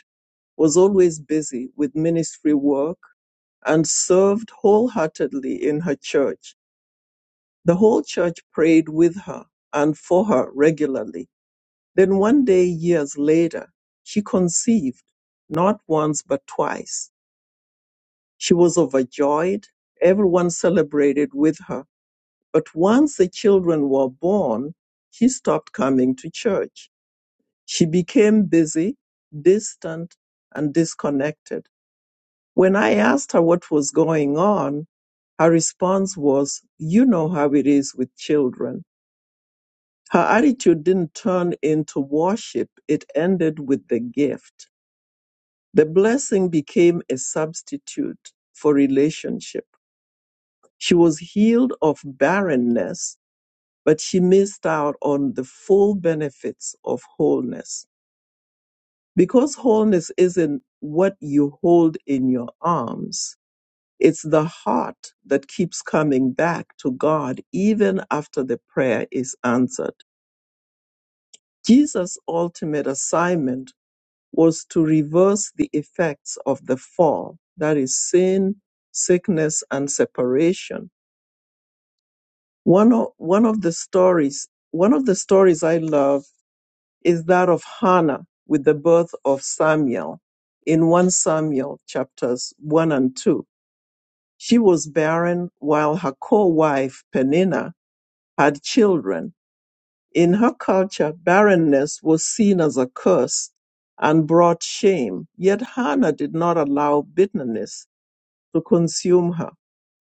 S3: was always busy with ministry work, and served wholeheartedly in her church. The whole church prayed with her and for her regularly. Then one day, years later, she conceived, not once but twice She was overjoyed. Everyone celebrated with her. But once the children were born, she stopped coming to church. She became busy, distant, and disconnected. When I asked her what was going on, her response was, You know how it is with children. Her attitude didn't turn into worship, it ended with the gift. The blessing became a substitute for relationship. She was healed of barrenness, but she missed out on the full benefits of wholeness. Because wholeness isn't what you hold in your arms, it's the heart that keeps coming back to God even after the prayer is answered. Jesus' ultimate assignment was to reverse the effects of the fall, that is, sin, sickness, and separation One of, one of the stories, one of the stories I love is that of Hannah with the birth of Samuel in 1 Samuel chapters 1 and 2. She was barren while her co-wife Peninnah had children. In her culture, barrenness was seen as a curse and brought shame. Yet Hannah did not allow bitterness to consume her.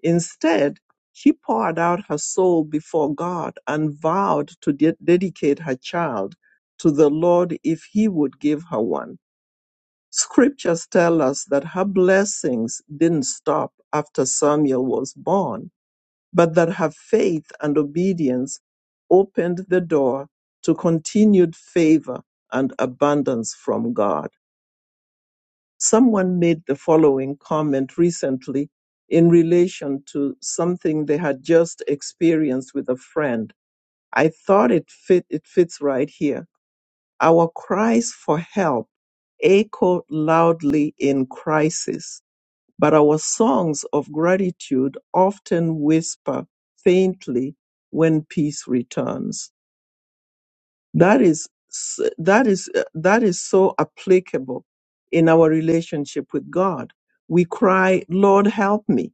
S3: Instead, she poured out her soul before God and vowed to de- dedicate her child to the Lord if he would give her one. Scriptures tell us that her blessings didn't stop after Samuel was born, but that her faith and obedience opened the door to continued favor and abundance from God. Someone made the following comment recently in relation to something they had just experienced with a friend. I thought it fit it fits right here. Our cries for help echo loudly in crisis, but our songs of gratitude often whisper faintly when peace returns. That is s- that is uh, that is so applicable in our relationship with God. We cry, "Lord, help me,"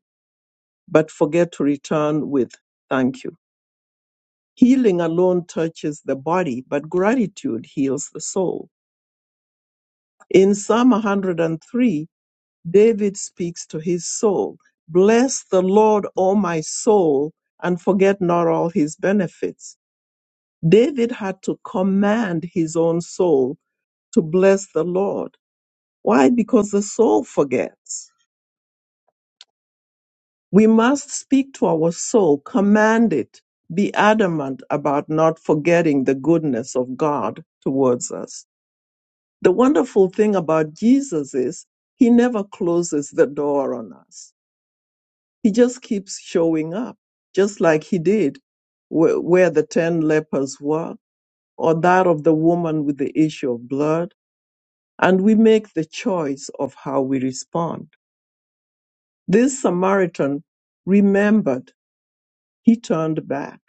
S3: but forget to return with "Thank you." Healing alone touches the body, but gratitude heals the soul. In Psalm 103, David speaks to his soul, "Bless the Lord, O my soul, and forget not all his benefits." David had to command his own soul to bless the Lord Why? Because the soul forgets. We must speak to our soul, command it, be adamant about not forgetting the goodness of God towards us. The wonderful thing about Jesus is he never closes the door on us. He just keeps showing up, just like he did where, where the 10 lepers were, or that of the woman with the issue of blood. And we make the choice of how we respond. This Samaritan remembered. He turned back.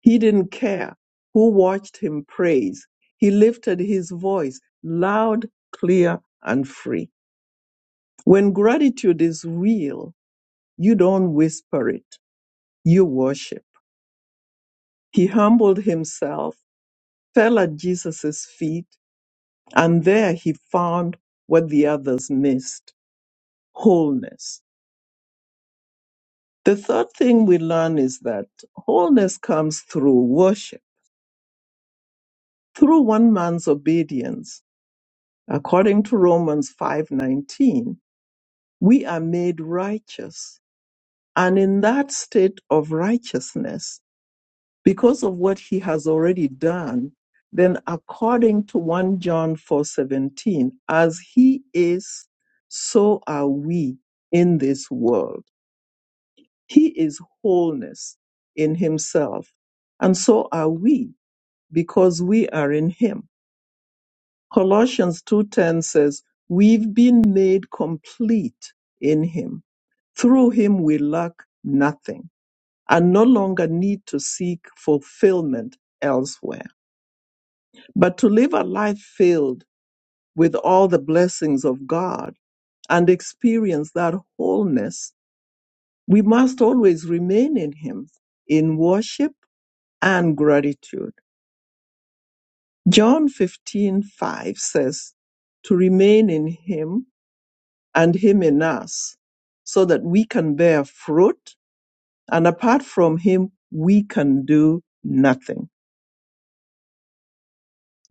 S3: He didn't care who watched him praise. He lifted his voice loud, clear, and free. When gratitude is real, you don't whisper it, you worship. He humbled himself, fell at Jesus' feet, and there he found what the others missed wholeness. The third thing we learn is that wholeness comes through worship Through one man's obedience, according to Romans 5:19, we are made righteous. And in that state of righteousness, because of what he has already done, then according to 1 John 4:17, as he is, so are we in this world. He is wholeness in himself, and so are we because we are in him. Colossians 2:10 says, "We've been made complete in him. Through him we lack nothing and no longer need to seek fulfillment elsewhere, but to live a life filled with all the blessings of God and experience that wholeness, we must always remain in him in worship and gratitude." John 15:5 says, "To remain in him and Him in us so that we can bear fruit. And apart from Him, we can do nothing.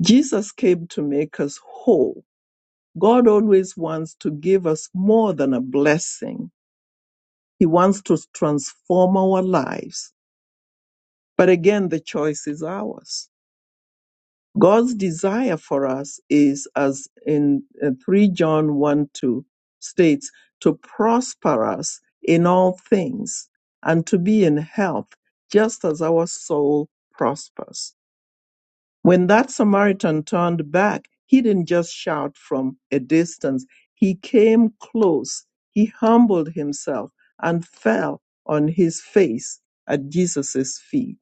S3: Jesus came to make us whole. God always wants to give us more than a blessing. He wants to transform our lives. But again, the choice is ours. God's desire for us is, as in uh, 3 John 1 2 states, to prosper us in all things and to be in health, just as our soul prospers. When that Samaritan turned back, he didn't just shout from a distance, he came close, he humbled himself and fell on his face at Jesus' feet.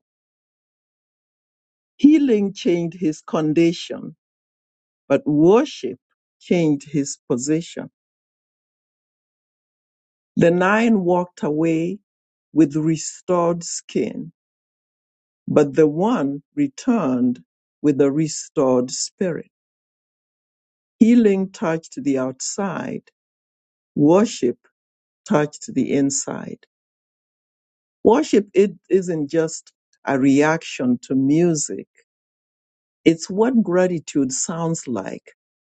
S3: Healing changed his condition but worship changed his position. The nine walked away with restored skin, but the one returned with a restored spirit. Healing touched the outside, worship touched the inside. Worship it isn't just a reaction to music. It's what gratitude sounds like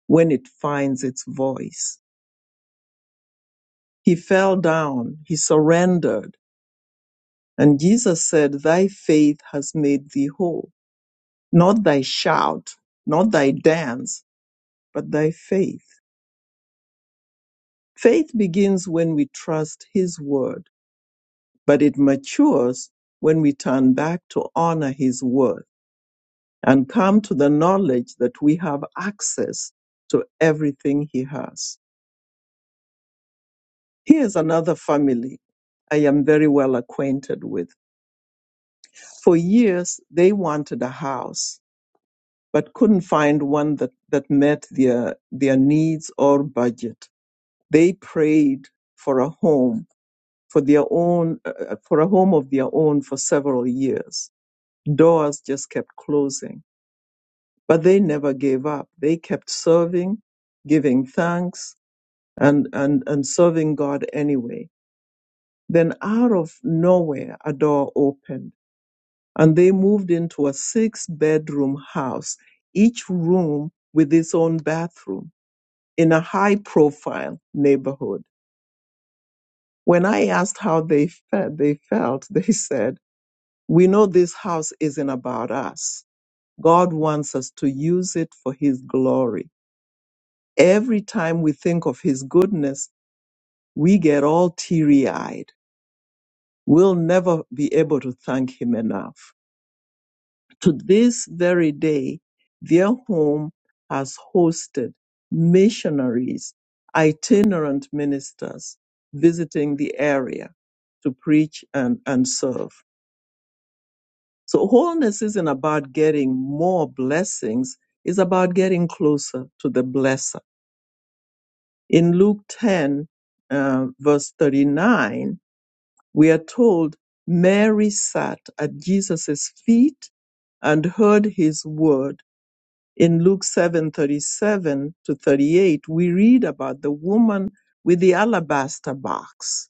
S3: when it finds its voice. He fell down. He surrendered And Jesus said, Thy faith has made thee whole. Not thy shout, not thy dance, but thy faith. Faith begins when we trust his word, but it matures when we turn back to honor his word and come to the knowledge that we have access to everything he has. Here's another family I am very well acquainted with. For years, they wanted a house but couldn't find one that, that met their, their needs or budget. They prayed for a home for their own, uh, uh, for a home of their own for several years. Doors just kept closing, but they never gave up. They kept serving, giving thanks and, and, and serving God anyway. Then out of nowhere, a door opened and they moved into a six bedroom house, each room with its own bathroom in a high profile neighborhood. When I asked how they felt, they felt, <laughs> they said, we know this house isn't about us. God wants us to use it for his glory. Every time we think of his goodness, we get all teary eyed. We'll never be able to thank him enough. To this very day, their home has hosted missionaries, itinerant ministers visiting the area to preach and, and serve. So wholeness isn't about getting more blessings, it's about getting closer to the blesser. In Luke 10, uh, verse 39, we are told Mary sat at Jesus' feet and heard his word in Luke 7:37 to 38 we read about the woman with the alabaster box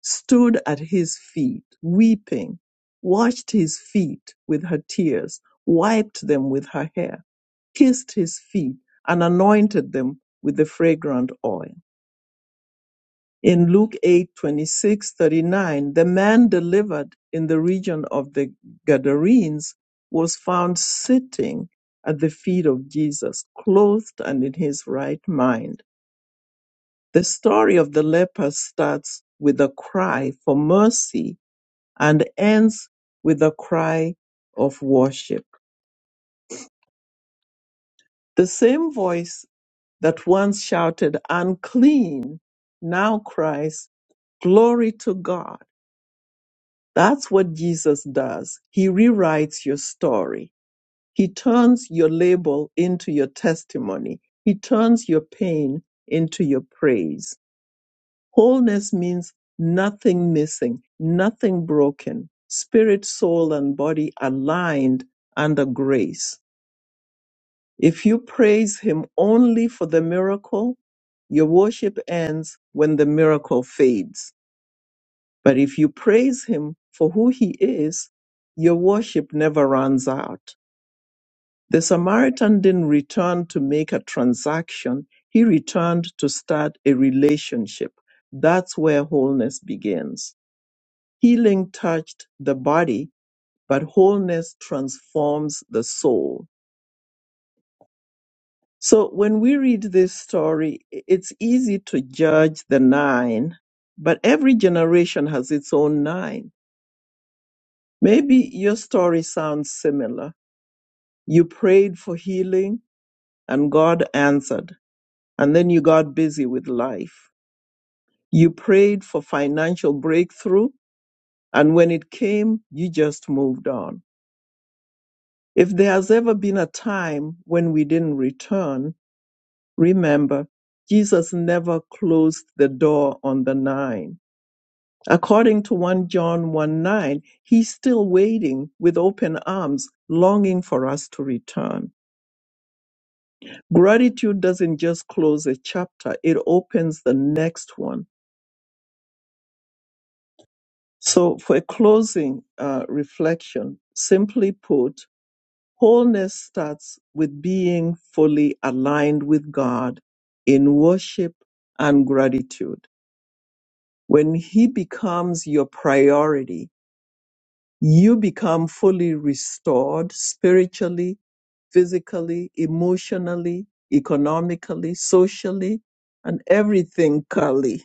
S3: stood at his feet weeping washed his feet with her tears wiped them with her hair kissed his feet and anointed them with the fragrant oil in Luke 8, twenty-six 39, the man delivered in the region of the Gadarenes was found sitting at the feet of Jesus, clothed and in his right mind. The story of the leper starts with a cry for mercy and ends with a cry of worship. The same voice that once shouted, unclean, now cries, glory to God That's what Jesus does. He rewrites your story. He turns your label into your testimony. He turns your pain into your praise. Wholeness means nothing missing, nothing broken, spirit, soul, and body aligned under grace. If you praise Him only for the miracle, your worship ends when the miracle fades. But if you praise him for who he is, your worship never runs out. The Samaritan didn't return to make a transaction, he returned to start a relationship. That's where wholeness begins. Healing touched the body, but wholeness transforms the soul. So when we read this story, i- it's easy to judge the nine, but every generation has its own nine Maybe your story sounds similar. You prayed for healing and God answered, and then you got busy with life. You prayed for financial breakthrough, and when it came, you just moved on. If there has ever been a time when we didn't return, remember, Jesus never closed the door on the nine. According to 1 John 1 9, he's still waiting with open arms, longing for us to return. Gratitude doesn't just close a chapter, it opens the next one. So, for a closing uh, reflection, simply put, wholeness starts with being fully aligned with God in worship and gratitude. When He becomes your priority, you become fully restored spiritually, physically, emotionally, economically, socially, and everything, Kali.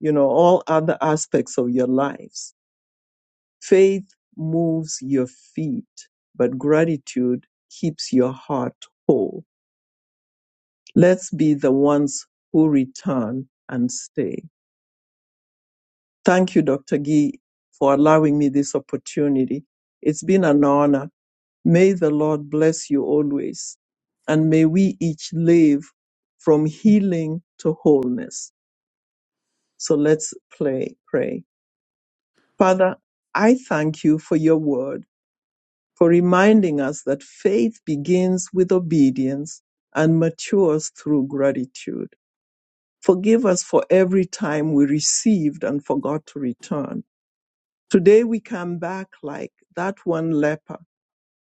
S3: you know, all other aspects of your lives. Faith moves your feet, but gratitude keeps your heart whole. Let's be the ones who return and stay. Thank you, Dr. Gee, for allowing me this opportunity. It's been an honor. May the Lord bless you always, and may we each live from healing to wholeness. So let's play, pray. Father, I thank you for your word. for reminding us that faith begins with obedience and matures through gratitude. Forgive us for every time we received and forgot to return. Today we come back like that one leper.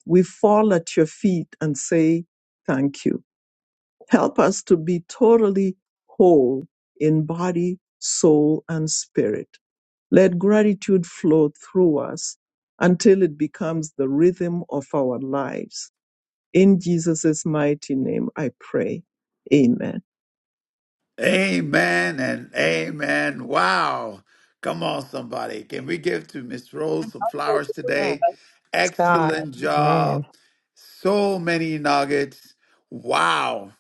S3: We fall at your feet and say, Thank you. Help us to be totally whole in body, soul, and spirit. Let gratitude flow through us until it becomes the rhythm of our lives in Jesus' mighty name, I pray. Amen.
S1: Amen and amen. Wow. Come on, somebody. Can we give to Miss Rose some flowers
S9: Amen.
S1: today?
S9: It's God.
S1: Excellent job.
S9: Amen.
S1: So many nuggets. Wow.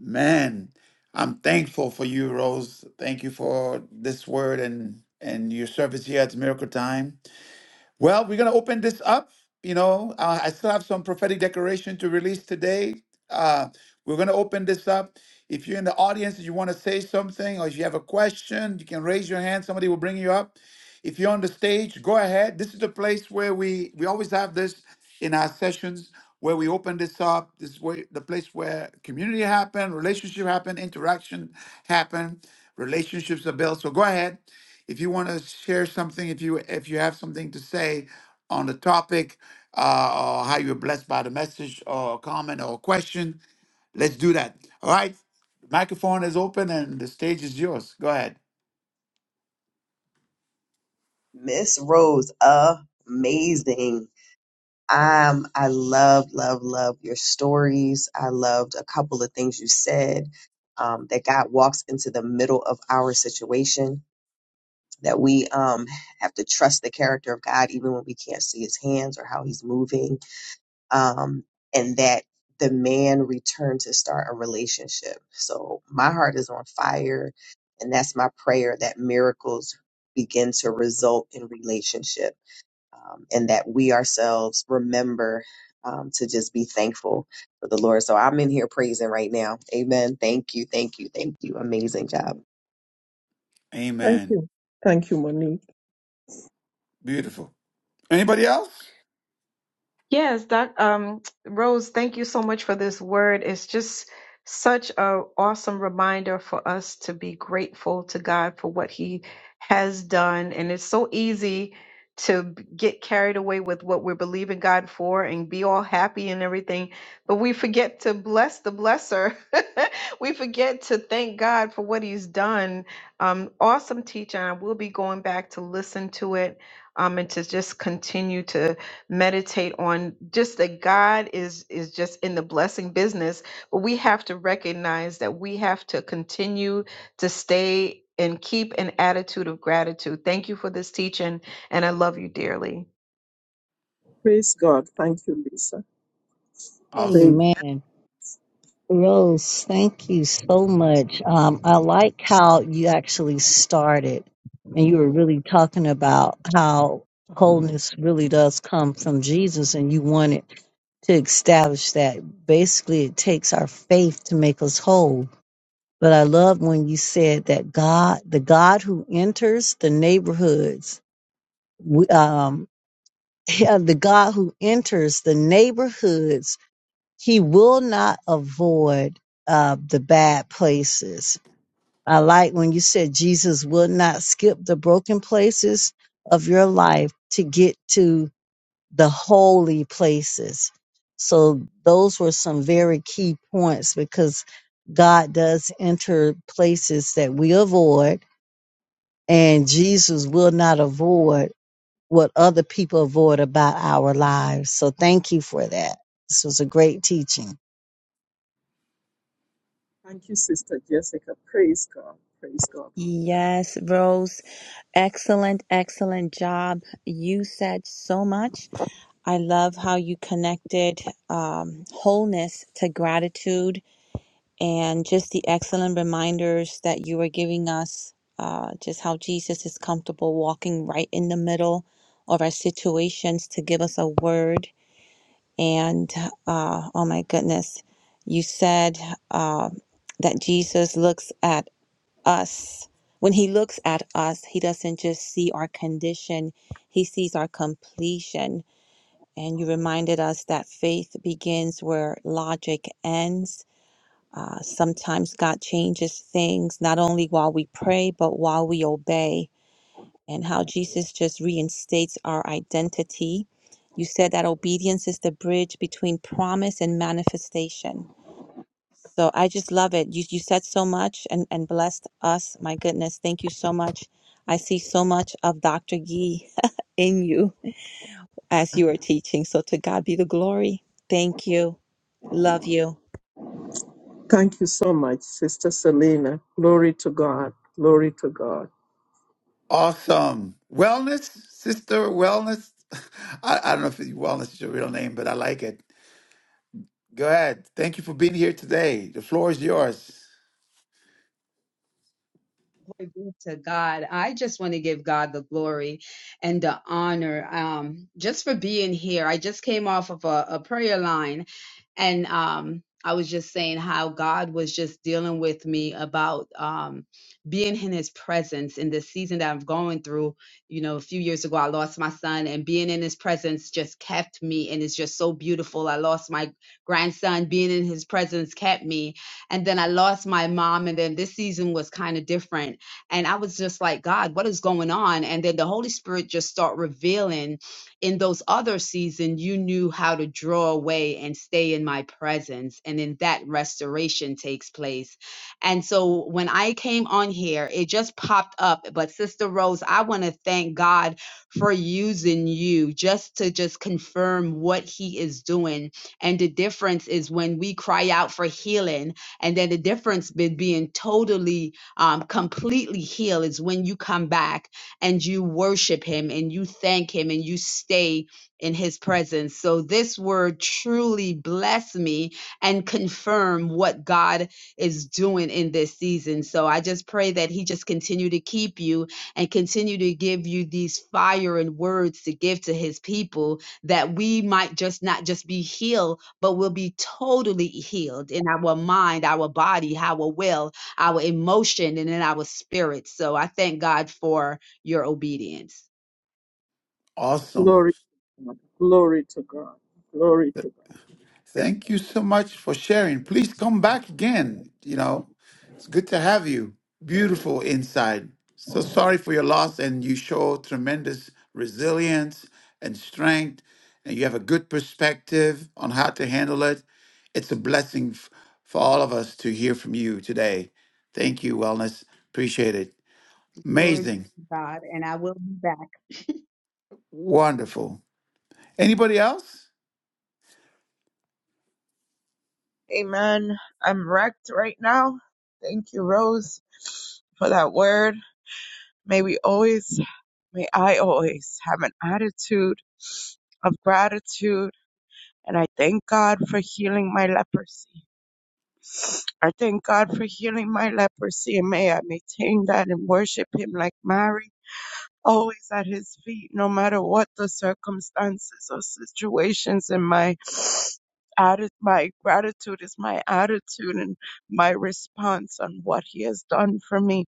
S1: Man, I'm thankful for you, Rose. Thank you for this word and and your service here at Miracle Time. Well, we're going to open this up. You know, uh, I still have some prophetic declaration to release today. Uh, we're going to open this up. If you're in the audience and you want to say something or if you have a question, you can raise your hand. Somebody will bring you up. If you're on the stage, go ahead. This is the place where we, we always have this in our sessions where we open this up. This is where, the place where community happen, relationship happen, interaction happen, relationships are built. So go ahead if you want to share something, if you if you have something to say on the topic, uh, or how you were blessed by the message, or a comment, or a question, let's do that. All right, microphone is open and the stage is yours. Go ahead.
S11: Miss Rose, amazing. Um, I love, love, love your stories. I loved a couple of things you said. Um, that God walks into the middle of our situation. That we um have to trust the character of God even when we can't see His hands or how He's moving. um, and that the man returned to start a relationship. So my heart is on fire, and that's my prayer that miracles begin to result in relationship, um, and that we ourselves remember um, to just be thankful for the Lord. So I'm in here praising right now. Amen. Thank you, thank you, thank you. Amazing job.
S3: Thank
S1: Amen.
S3: you. Thank you, Monique.
S1: Beautiful. Anybody else?
S12: Yes, Doc, um, Rose, thank you so much for this word. It's just such a awesome reminder for us to be grateful to God for what He has done. And it's so easy to b- get carried away with what we're believing God for and be all happy and everything, but we forget to bless the blesser. <laughs> we forget to thank God for what He's done. Um, awesome teaching. I will be going back to listen to it um, and to just continue to meditate on just that God is is just in the blessing business, but we have to recognize that we have to continue to stay and keep an attitude of gratitude. Thank you for this teaching and I love you dearly.
S3: Praise God. Thank you, Lisa. Praise.
S1: Awesome.
S5: Amen. Rose, thank you so much. Um, I like how you actually started and you were really talking about how wholeness really does come from Jesus and you wanted to establish that. Basically, it takes our faith to make us whole. But I love when you said that God, the God who enters the neighborhoods, we- um, <laughs> yeah, the God who enters the neighborhoods he will not avoid uh, the bad places. I like when you said Jesus will not skip the broken places of your life to get to the holy places. So those were some very key points because God does enter places that we avoid, and Jesus will not avoid what other people avoid about our lives. So thank you for that. This was a great teaching.
S3: Thank you, Sister Jessica. Praise God. Praise God for that.
S4: Yes, Rose. Excellent, excellent job. You said so much. I love how you connected um, wholeness to gratitude and just the excellent reminders that you were giving us, uh, just how Jesus is comfortable walking right in the middle of our situations to give us a word. And uh, oh my goodness, you said uh, that Jesus looks at us. When he looks at us, he doesn't just see our condition, he sees our completion. And you reminded us that faith begins where logic ends. Uh, sometimes God changes things, not only while we pray, but while we obey, and how Jesus just reinstates our identity. You said that obedience is the bridge between promise and manifestation so I just love it. You you said so much and and blessed us. My goodness, thank you so much. I see so much of Dr. Gee <laughs> in you as you are teaching. So to God be the glory. Thank you. Love you.
S3: Thank you so much, Sister Selena. Glory to God. Glory to God.
S1: Awesome. Wellness, sister. Wellness. <laughs> I, I don't know if wellness is your real name, but I like it. Go ahead. Thank you for being here today. The floor is yours.
S13: Glory be to God. I just want to give God the glory and the honor um, just for being here. I just came off of a, a prayer line and um I was just saying how God was just dealing with me about um, being in His presence in this season that I'm going through. You know, a few years ago, I lost my son, and being in His presence just kept me, and it's just so beautiful. I lost my grandson, being in His presence kept me, and then I lost my mom, and then this season was kind of different. And I was just like, God, what is going on? And then the Holy Spirit just start revealing in those other seasons, you knew how to draw away and stay in my presence. And then that restoration takes place. And so when I came on here, it just popped up. But Sister Rose, I want to thank God for using you just to just confirm what he is doing. And the difference is when we cry out for healing, and then the difference between being totally, um, completely healed is when you come back and you worship him and you thank him and you stay in his presence. So this word truly bless me and confirm what God is doing in this season. So I just pray that he just continue to keep you and continue to give you these fire and words to give to his people that we might just not just be healed, but will be totally healed in our mind, our body, our will, our emotion, and in our spirit. So I thank God for your obedience.
S1: Awesome.
S3: Glory to God. Glory to God. Glory to God.
S1: Thank you so much for sharing. Please come back again. You know, it's good to have you. Beautiful inside. So sorry for your loss, and you show tremendous resilience and strength, and you have a good perspective on how to handle it. It's a blessing f- for all of us to hear from you today. Thank you, Wellness. Appreciate it.
S13: Glory be
S1: Amazing.
S13: to God. And I will be back.
S1: Wonderful. Anybody else?
S8: Amen. I'm wrecked right now. Thank you, Rose, for that word. May we always, may I always have an attitude of gratitude And I thank God for healing my leprosy. I thank God for healing my leprosy, and may I maintain that and worship Him like Mary, always at His feet, no matter what the circumstances or situations. And my atti- my gratitude is my attitude and my response on what He has done for me.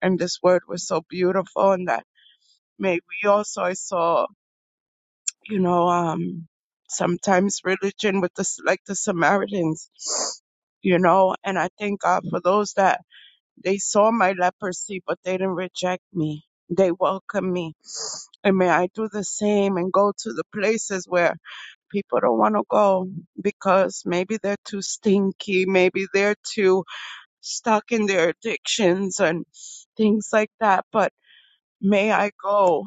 S8: And this word was so beautiful, and that may we also. I saw. You know, um, sometimes religion with the S- like the Samaritans, you know, and I thank God for those that they saw my leprosy, but they didn't reject me. They welcomed me. And may I do the same and go to the places where people don't want to go because maybe they're too stinky, maybe they're too stuck in their addictions and things like that. But may I go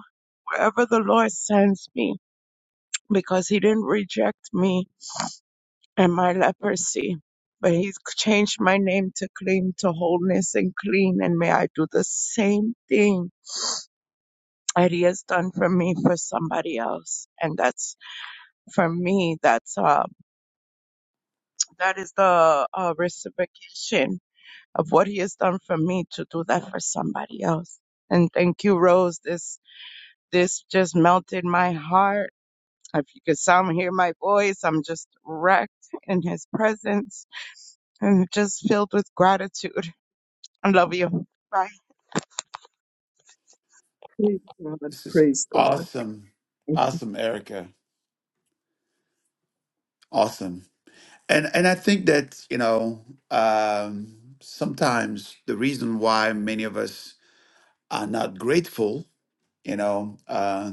S8: wherever the Lord sends me because he didn't reject me and my leprosy, but he's changed my name to clean, to wholeness and clean. And may I do the same thing that he has done for me for somebody else. And that's for me, that's, uh, that is the uh, reciprocation of what he has done for me to do that for somebody else. And thank you, Rose. This, this just melted my heart. If you could sound, hear my voice, I'm just wrecked in his presence and just filled with gratitude. I love you. Bye.
S3: Praise God.
S1: This is
S3: Praise God.
S1: awesome.
S3: Thank you.
S1: Awesome, Erica. Awesome. And and I think that you know um, sometimes the reason why many of us are not grateful, you know, uh,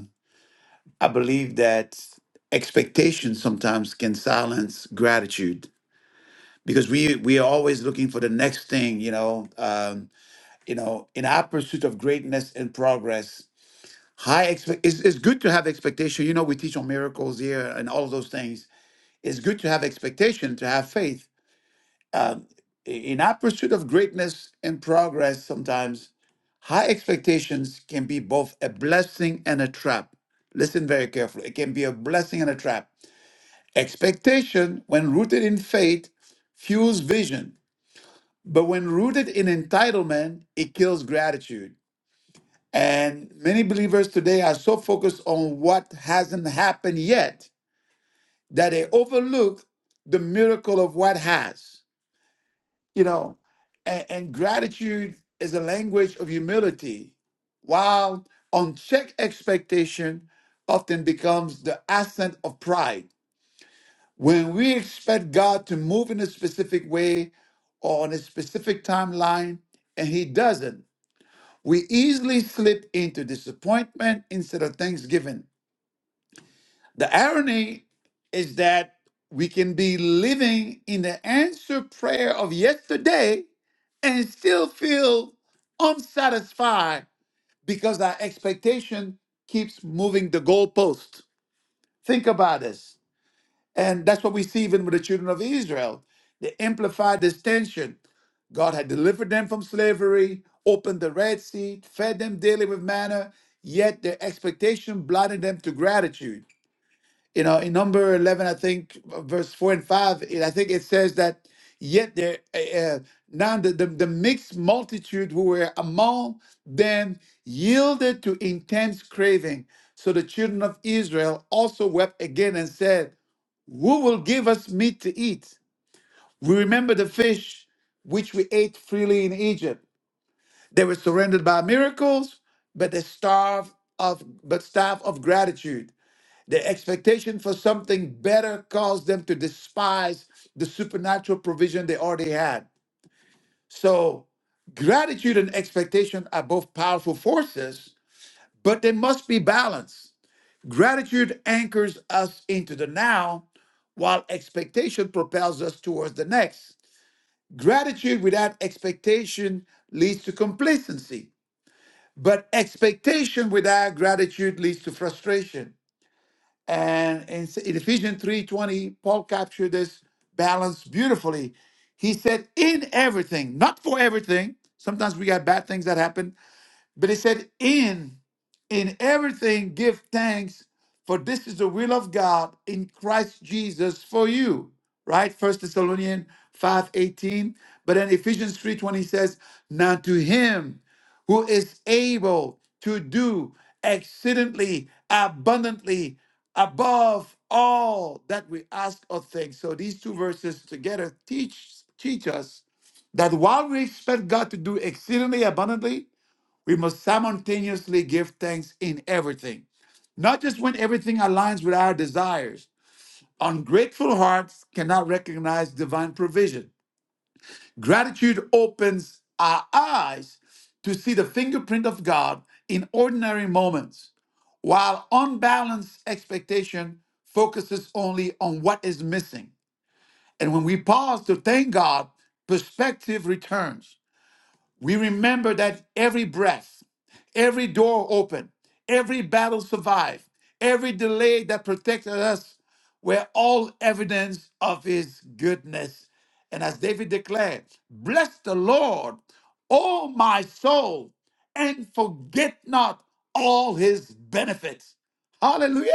S1: I believe that expectations sometimes can silence gratitude because we we are always looking for the next thing, you know, um, you know, in our pursuit of greatness and progress. High expect it's, it's good to have expectation. You know, we teach on miracles here and all of those things. It's good to have expectation to have faith um, in our pursuit of greatness and progress, sometimes high expectations can be both a blessing and a trap. Listen very carefully. It can be a blessing and a trap. Expectation, when rooted in faith, fuels vision, but when rooted in entitlement, it kills gratitude. And many believers today are so focused on what hasn't happened yet that they overlook the miracle of what has. you know and, and gratitude is a language of humility while unchecked expectation often becomes the accent of pride when we expect god to move in a specific way or on a specific timeline and he doesn't we easily slip into disappointment instead of thanksgiving the irony is that we can be living in the answered prayer of yesterday and still feel unsatisfied because our expectation keeps moving the goalpost. Think about this. And that's what we see even with the children of Israel. They amplified this tension. God had delivered them from slavery, opened the Red Sea, fed them daily with manna, yet their expectation blinded them to gratitude you know in number 11 i think uh, verse 4 and 5 it, i think it says that yet there uh, uh, now the, the, the mixed multitude who were among them yielded to intense craving so the children of israel also wept again and said who will give us meat to eat we remember the fish which we ate freely in egypt they were surrounded by miracles but they starved of but starved of gratitude their expectation for something better caused them to despise the supernatural provision they already had. So, gratitude and expectation are both powerful forces, but they must be balanced. Gratitude anchors us into the now, while expectation propels us towards the next. Gratitude without expectation leads to complacency, but expectation without gratitude leads to frustration. And in Ephesians 3:20, Paul captured this balance beautifully. He said, "In everything, not for everything. Sometimes we got bad things that happen, but it said, in in everything give thanks, for this is the will of God in Christ Jesus for you. Right? First Thessalonians 5 18. But then Ephesians 3 20 says, Now to him who is able to do exceedingly abundantly above all that we ask or think. So these two verses together teach teach us that while we expect God to do exceedingly abundantly, we must simultaneously give thanks in everything, not just when everything aligns with our desires. Ungrateful hearts cannot recognize divine provision. Gratitude opens our eyes to see the fingerprint of God in ordinary moments, while unbalanced expectation focuses only on what is missing. And when we pause to thank God, perspective returns. We remember that every breath, every door open, every battle survived, every delay that protected us were all evidence of his goodness. And as David declared, bless the Lord, O my soul, and forget not all his benefits. Hallelujah.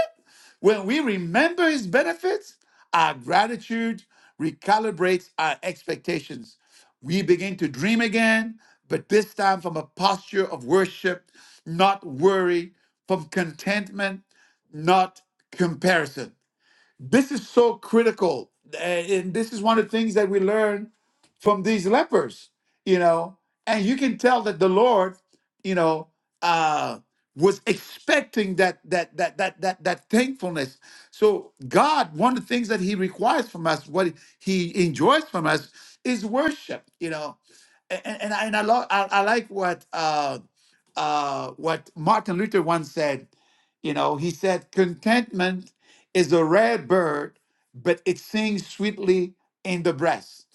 S1: When we remember his benefits, our gratitude recalibrates our expectations. We begin to dream again, but this time from a posture of worship, not worry, from contentment, not comparison. This is so critical. uh, And this is one of the things that we learn from these lepers, you know. And you can tell that the Lord, you know, uh was expecting that that that that that that thankfulness. So God, one of the things that He requires from us, what He enjoys from us, is worship. You know, and and I, and I love I, I like what uh, uh, what Martin Luther once said. You know, he said contentment is a rare bird, but it sings sweetly in the breast.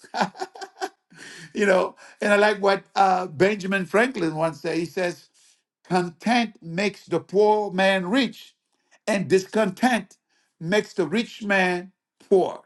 S1: <laughs> you know, and I like what uh, Benjamin Franklin once said. He says, Content makes the poor man rich, and discontent makes the rich man poor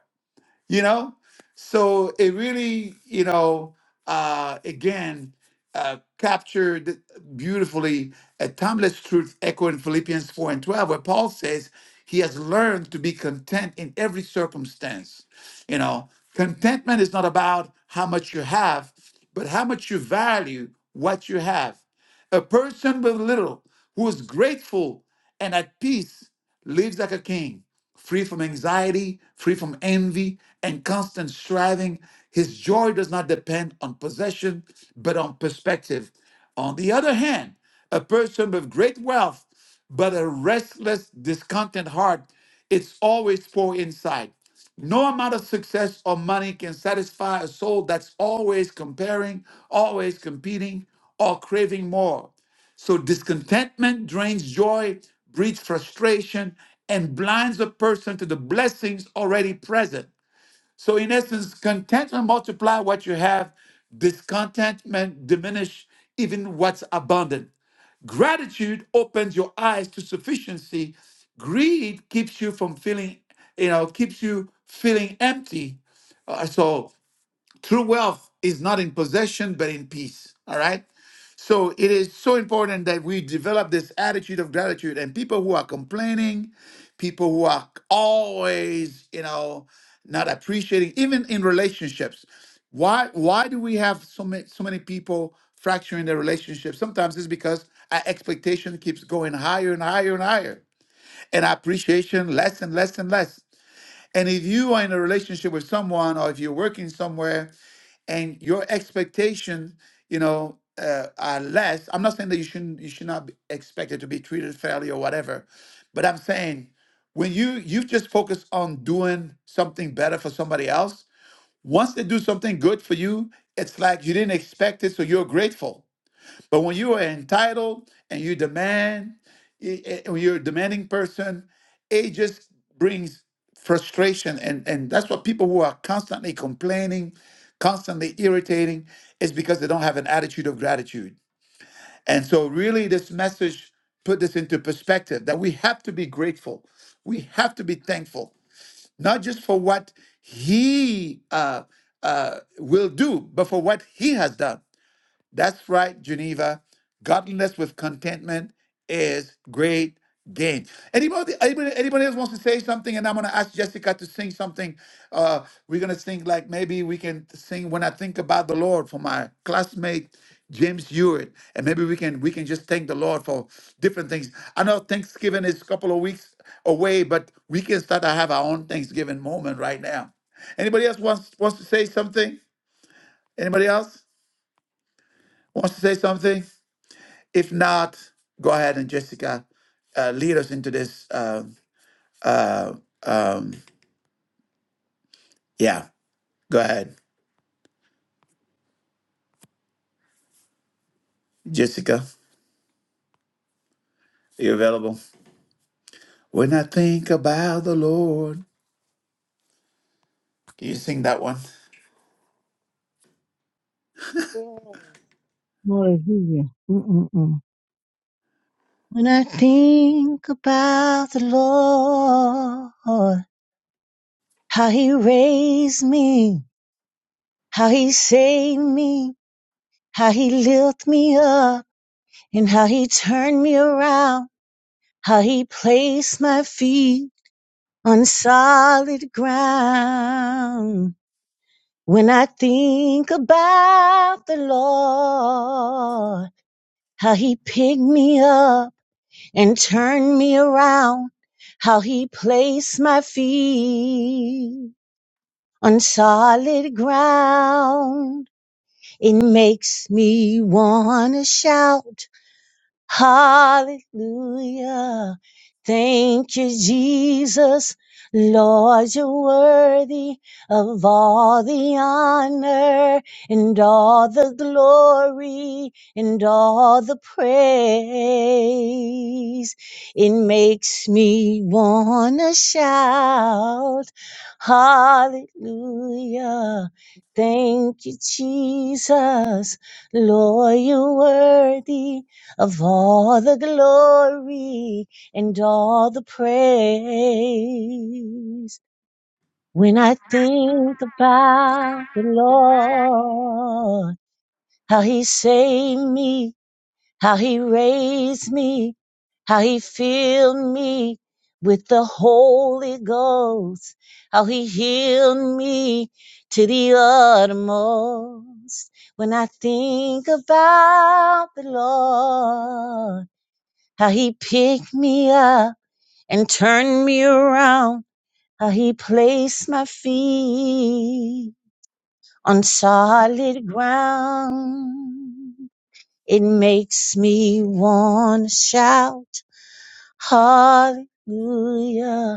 S1: you know so it really you know uh again uh captured beautifully a timeless truth echoed in philippians 4 and 12 where paul says he has learned to be content in every circumstance you know contentment is not about how much you have but how much you value what you have a person with little who is grateful and at peace lives like a king, free from anxiety, free from envy, and constant striving. His joy does not depend on possession, but on perspective. On the other hand, a person with great wealth, but a restless, discontent heart, it's always poor inside. No amount of success or money can satisfy a soul that's always comparing, always competing, or craving more. So discontentment drains joy, breeds frustration, and blinds a person to the blessings already present. So in essence, contentment multiply what you have, discontentment diminish even what's abundant. Gratitude opens your eyes to sufficiency. Greed keeps you from feeling, you know, keeps you feeling empty. Uh, so True wealth is not in possession, but in peace. All right. So it is so important that we develop this attitude of gratitude. And people who are complaining, people who are always, you know, not appreciating, even in relationships. Why why do we have so many so many people fracturing their relationships? Sometimes it's because our expectation keeps going higher and higher and higher. And our appreciation less and less and less. And if you are in a relationship with someone or if you're working somewhere and your expectation, you know, uh, are less, I'm not saying that you shouldn't you should not be expected to be treated fairly or whatever, but I'm saying when you you just focus on doing something better for somebody else, once they do something good for you, it's like you didn't expect it, so you're grateful but when you are entitled and you demand, i- i- when you're a demanding person, it just brings frustration. And, and that's what people who are constantly complaining, constantly irritating, is because they don't have an attitude of gratitude. And so, really, this message put this into perspective that we have to be grateful. We have to be thankful, not just for what He uh, uh, will do, but for what He has done. That's right, Geneva. Godliness with contentment is great gain. Anybody, anybody, anybody else wants to say something? And I'm going to ask Jessica to sing something. Uh, we're going to sing like maybe we can sing "When I Think About the Lord" for my classmate James Hewitt, and maybe we can we can just thank the Lord for different things. I know Thanksgiving is a couple of weeks away, but we can start to have our own Thanksgiving moment right now. Anybody else wants wants to say something? Anybody else wants to say something? If not, go ahead and Jessica, uh, lead us into this. Uh, uh, um, yeah, go ahead, Jessica. Are you available? When I think about the Lord, can you sing that one?
S5: Hallelujah. Mm-mm-mm. When I think about the Lord, how he raised me, how he saved me, how he lifted me up, and how he turned me around, how he placed my feet on solid ground. When I think about the Lord, how he picked me up and turn me around. How he placed my feet on solid ground. It makes me wanna shout. Hallelujah. Thank you, Jesus. Lord, you're worthy of all the honor and all the glory and all the praise. It makes me wanna shout, Hallelujah. Thank you, Jesus. Lord, you're worthy of all the glory and all the praise. When I think about the Lord, how he saved me, how he raised me, how he filled me with the Holy Ghost, how he healed me to the uttermost. When I think about the Lord, how he picked me up and turned me around, how he placed my feet on solid ground. It makes me want to shout hallelujah.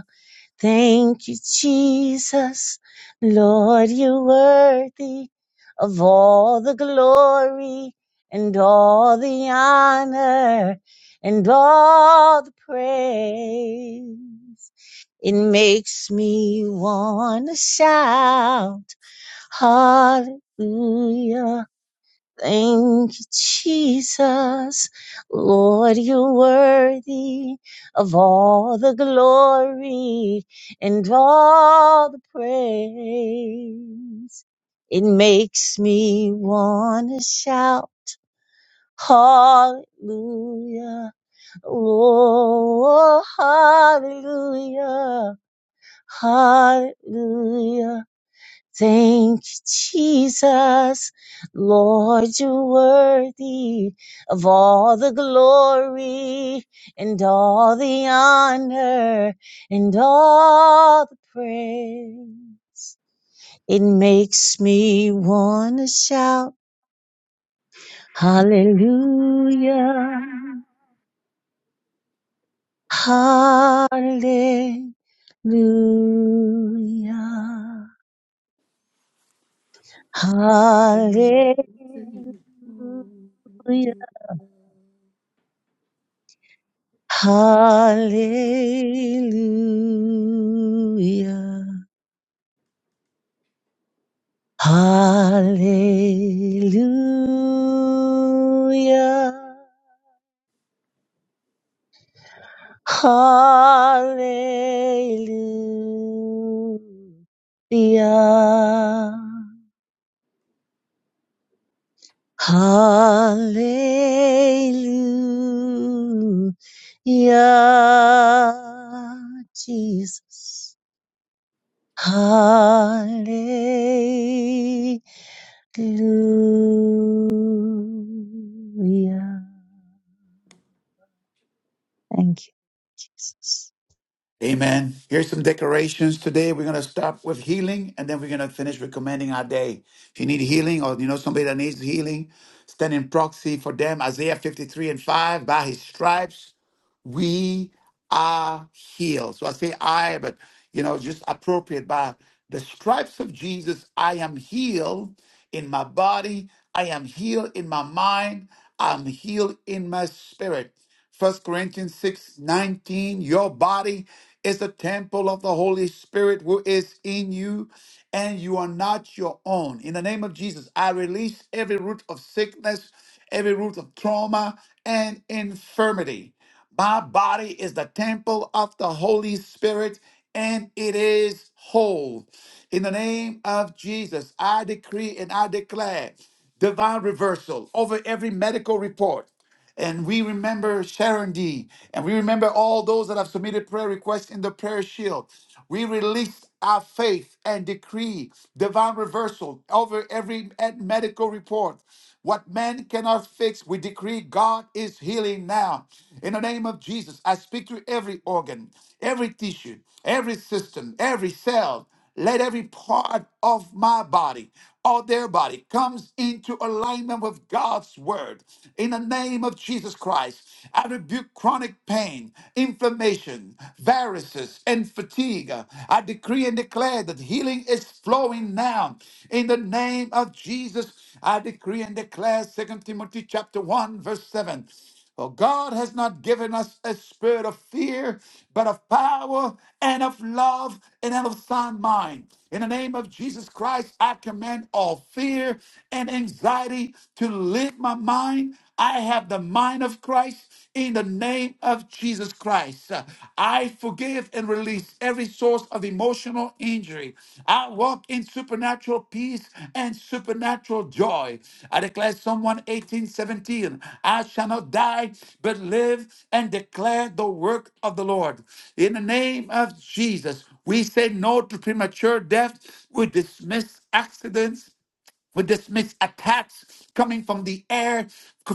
S5: Thank you, Jesus. Lord, you're worthy of all the glory and all the honor and all the praise. It makes me want to shout hallelujah. Thank you, Jesus. Lord, you're worthy of all the glory and all the praise. It makes me want to shout, Hallelujah. Oh, hallelujah. Hallelujah. Thank you, Jesus. Lord, you're worthy of all the glory and all the honor and all the praise. It makes me want to shout, Hallelujah, Hallelujah, Hallelujah. Hallelujah. Hallelujah. Hallelujah. Hallelujah. Jesus. Hallelujah. Thank you, Jesus.
S1: Amen. Here's some decorations today. We're going to start with healing and then we're going to finish with commending our day. If you need healing or you know somebody that needs healing, stand in proxy for them. Isaiah 53 and 5, by his stripes we are healed. So I say I, but you know, just appropriate by the stripes of Jesus, I am healed in my body, I am healed in my mind, I'm healed in my spirit. First Corinthians 6 19. your body is the temple of the Holy Spirit who is in you, and you are not your own. In the name of Jesus, I release every root of sickness, every root of trauma and infirmity. My body is the temple of the Holy Spirit and it is whole. In the name of Jesus, I decree and I declare divine reversal over every medical report and we remember Sharon D. And we remember all those that have submitted prayer requests in the prayer shield. We release our faith and decree divine reversal over every med- medical report. What man cannot fix, we decree God is healing now. In the name of Jesus, I speak to every organ, every tissue, every system, every cell. Let every part of my body or their body comes into alignment with God's word. In the name of Jesus Christ, I rebuke chronic pain, inflammation, viruses, and fatigue. I decree and declare that healing is flowing now. In the name of Jesus, I decree and declare Second Timothy chapter 1, verse 7. For God has not given us a spirit of fear, but of power and of love and of sound mind. In the name of Jesus Christ, I command all fear and anxiety to leave my mind. I have the mind of Christ in the name of Jesus Christ. I forgive and release release every source of emotional injury. I walk in supernatural peace and supernatural joy. I declare Psalm 118, 17, I shall not die, but live and declare the work of the Lord. In the name of Jesus, we say no to premature death. We dismiss accidents we dismiss attacks coming from the air,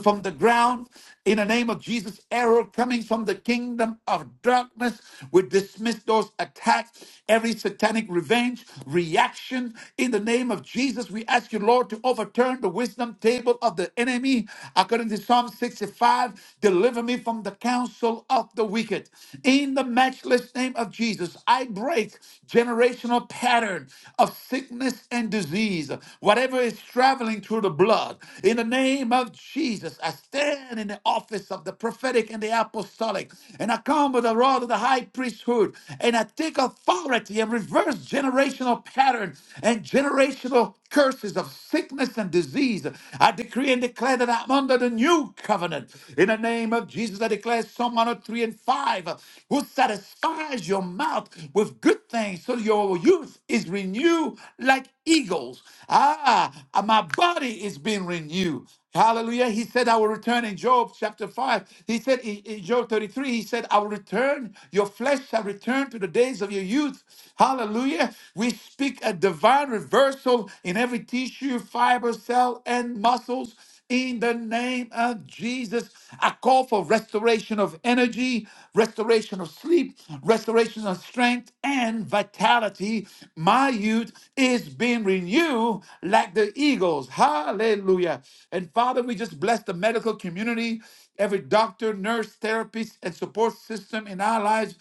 S1: from the ground. In the name of Jesus, arrow coming from the kingdom of darkness. We dismiss those attacks, every satanic revenge, reaction. In the name of Jesus, we ask you, Lord, to overturn the wisdom table of the enemy. According to Psalm 65, deliver me from the counsel of the wicked. In the matchless name of Jesus, I break generational generational pattern of sickness and disease, whatever is traveling through the blood. In the name of Jesus, I stand in the office of the prophetic and the apostolic, and I come with the rod of the high priesthood, and I take authority and reverse generational pattern and generational curses of sickness and disease. I decree and declare that I'm under the new covenant. In the name of Jesus, I declare Psalm 103 and 5. 5, uh, who satisfies your mouth with good things so your youth is renewed like eagles. Ah, uh, my body is being renewed. Hallelujah. He said, I will return in Job chapter 5. He said in, in Job 33, he said, I will return, your flesh shall return to the days of your youth. Hallelujah. We speak a divine reversal in every tissue, fiber, cell, and muscles. In the name of Jesus, I call for restoration of energy, restoration of sleep, restoration of strength and vitality. My youth is being renewed like the eagles. Hallelujah. And Father, we just bless the medical community, every doctor, nurse, therapist, and support system in our lives.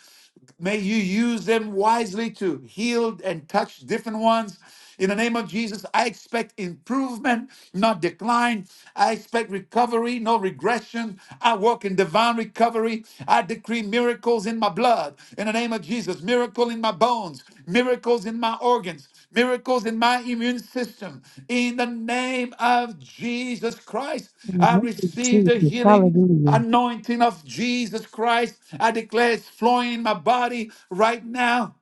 S1: May you use them wisely to heal and touch different ones. In the name of Jesus, I expect improvement, not decline. I expect recovery, no regression. I walk in divine recovery. I decree miracles in my blood. In the name of Jesus, miracle in my bones, miracles in my organs, miracles in my immune system. In the name of Jesus Christ,
S5: In the
S1: I
S5: name of
S1: receive the
S5: Jesus,
S1: healing
S5: hallelujah.
S1: anointing of Jesus Christ. I declare it's flowing in my body right now.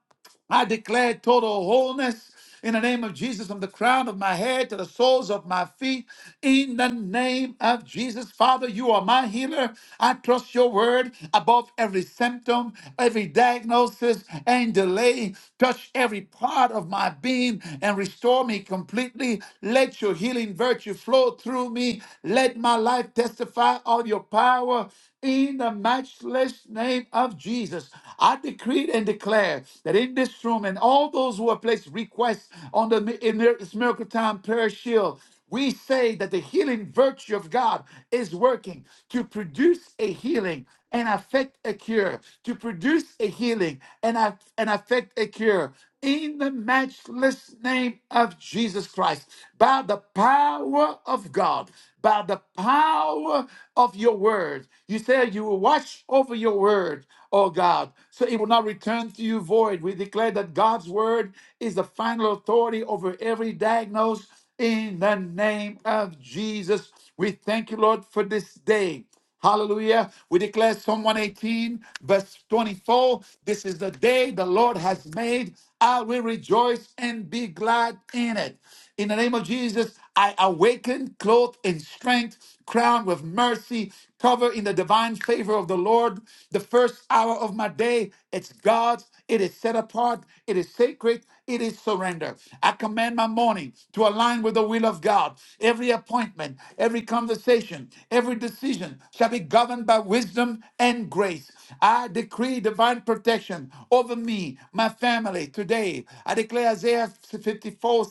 S1: I declare total wholeness in the name of Jesus from the crown of my head to the soles of my feet. In the name of Jesus, Father, you are my healer. I trust your word above every symptom, every diagnosis, and delay. Touch every part of my being and restore me completely. Let your healing virtue flow through me. Let my life testify of your power in the matchless name of Jesus. I decree and declare that in this room and all those who have placed requests on the mi- in this miracle time prayer shield, we say that the healing virtue of God is working to produce a healing and affect a cure, to produce a healing and, aff- and affect a cure. In the matchless name of Jesus Christ, by the power of God, by the power of your word. You said you will watch over your word, oh God, so it will not return to you void. We declare that God's word is the final authority over every diagnosis. in the name of Jesus. We thank you, Lord, for this day. Hallelujah. We declare Psalm 118, verse 24. This is the day the Lord has made. I will rejoice and be glad in it. In the name of Jesus, I awaken, clothed in strength, crowned with mercy, covered in the divine favor of the Lord. The first hour of my day, it's God's. It is set apart. It is sacred. It is surrender. I command my morning to align with the will of God. Every appointment, every conversation, conversation, every decision shall be governed by wisdom and grace. I decree divine protection over me, my family today. I declare Isaiah 54:17: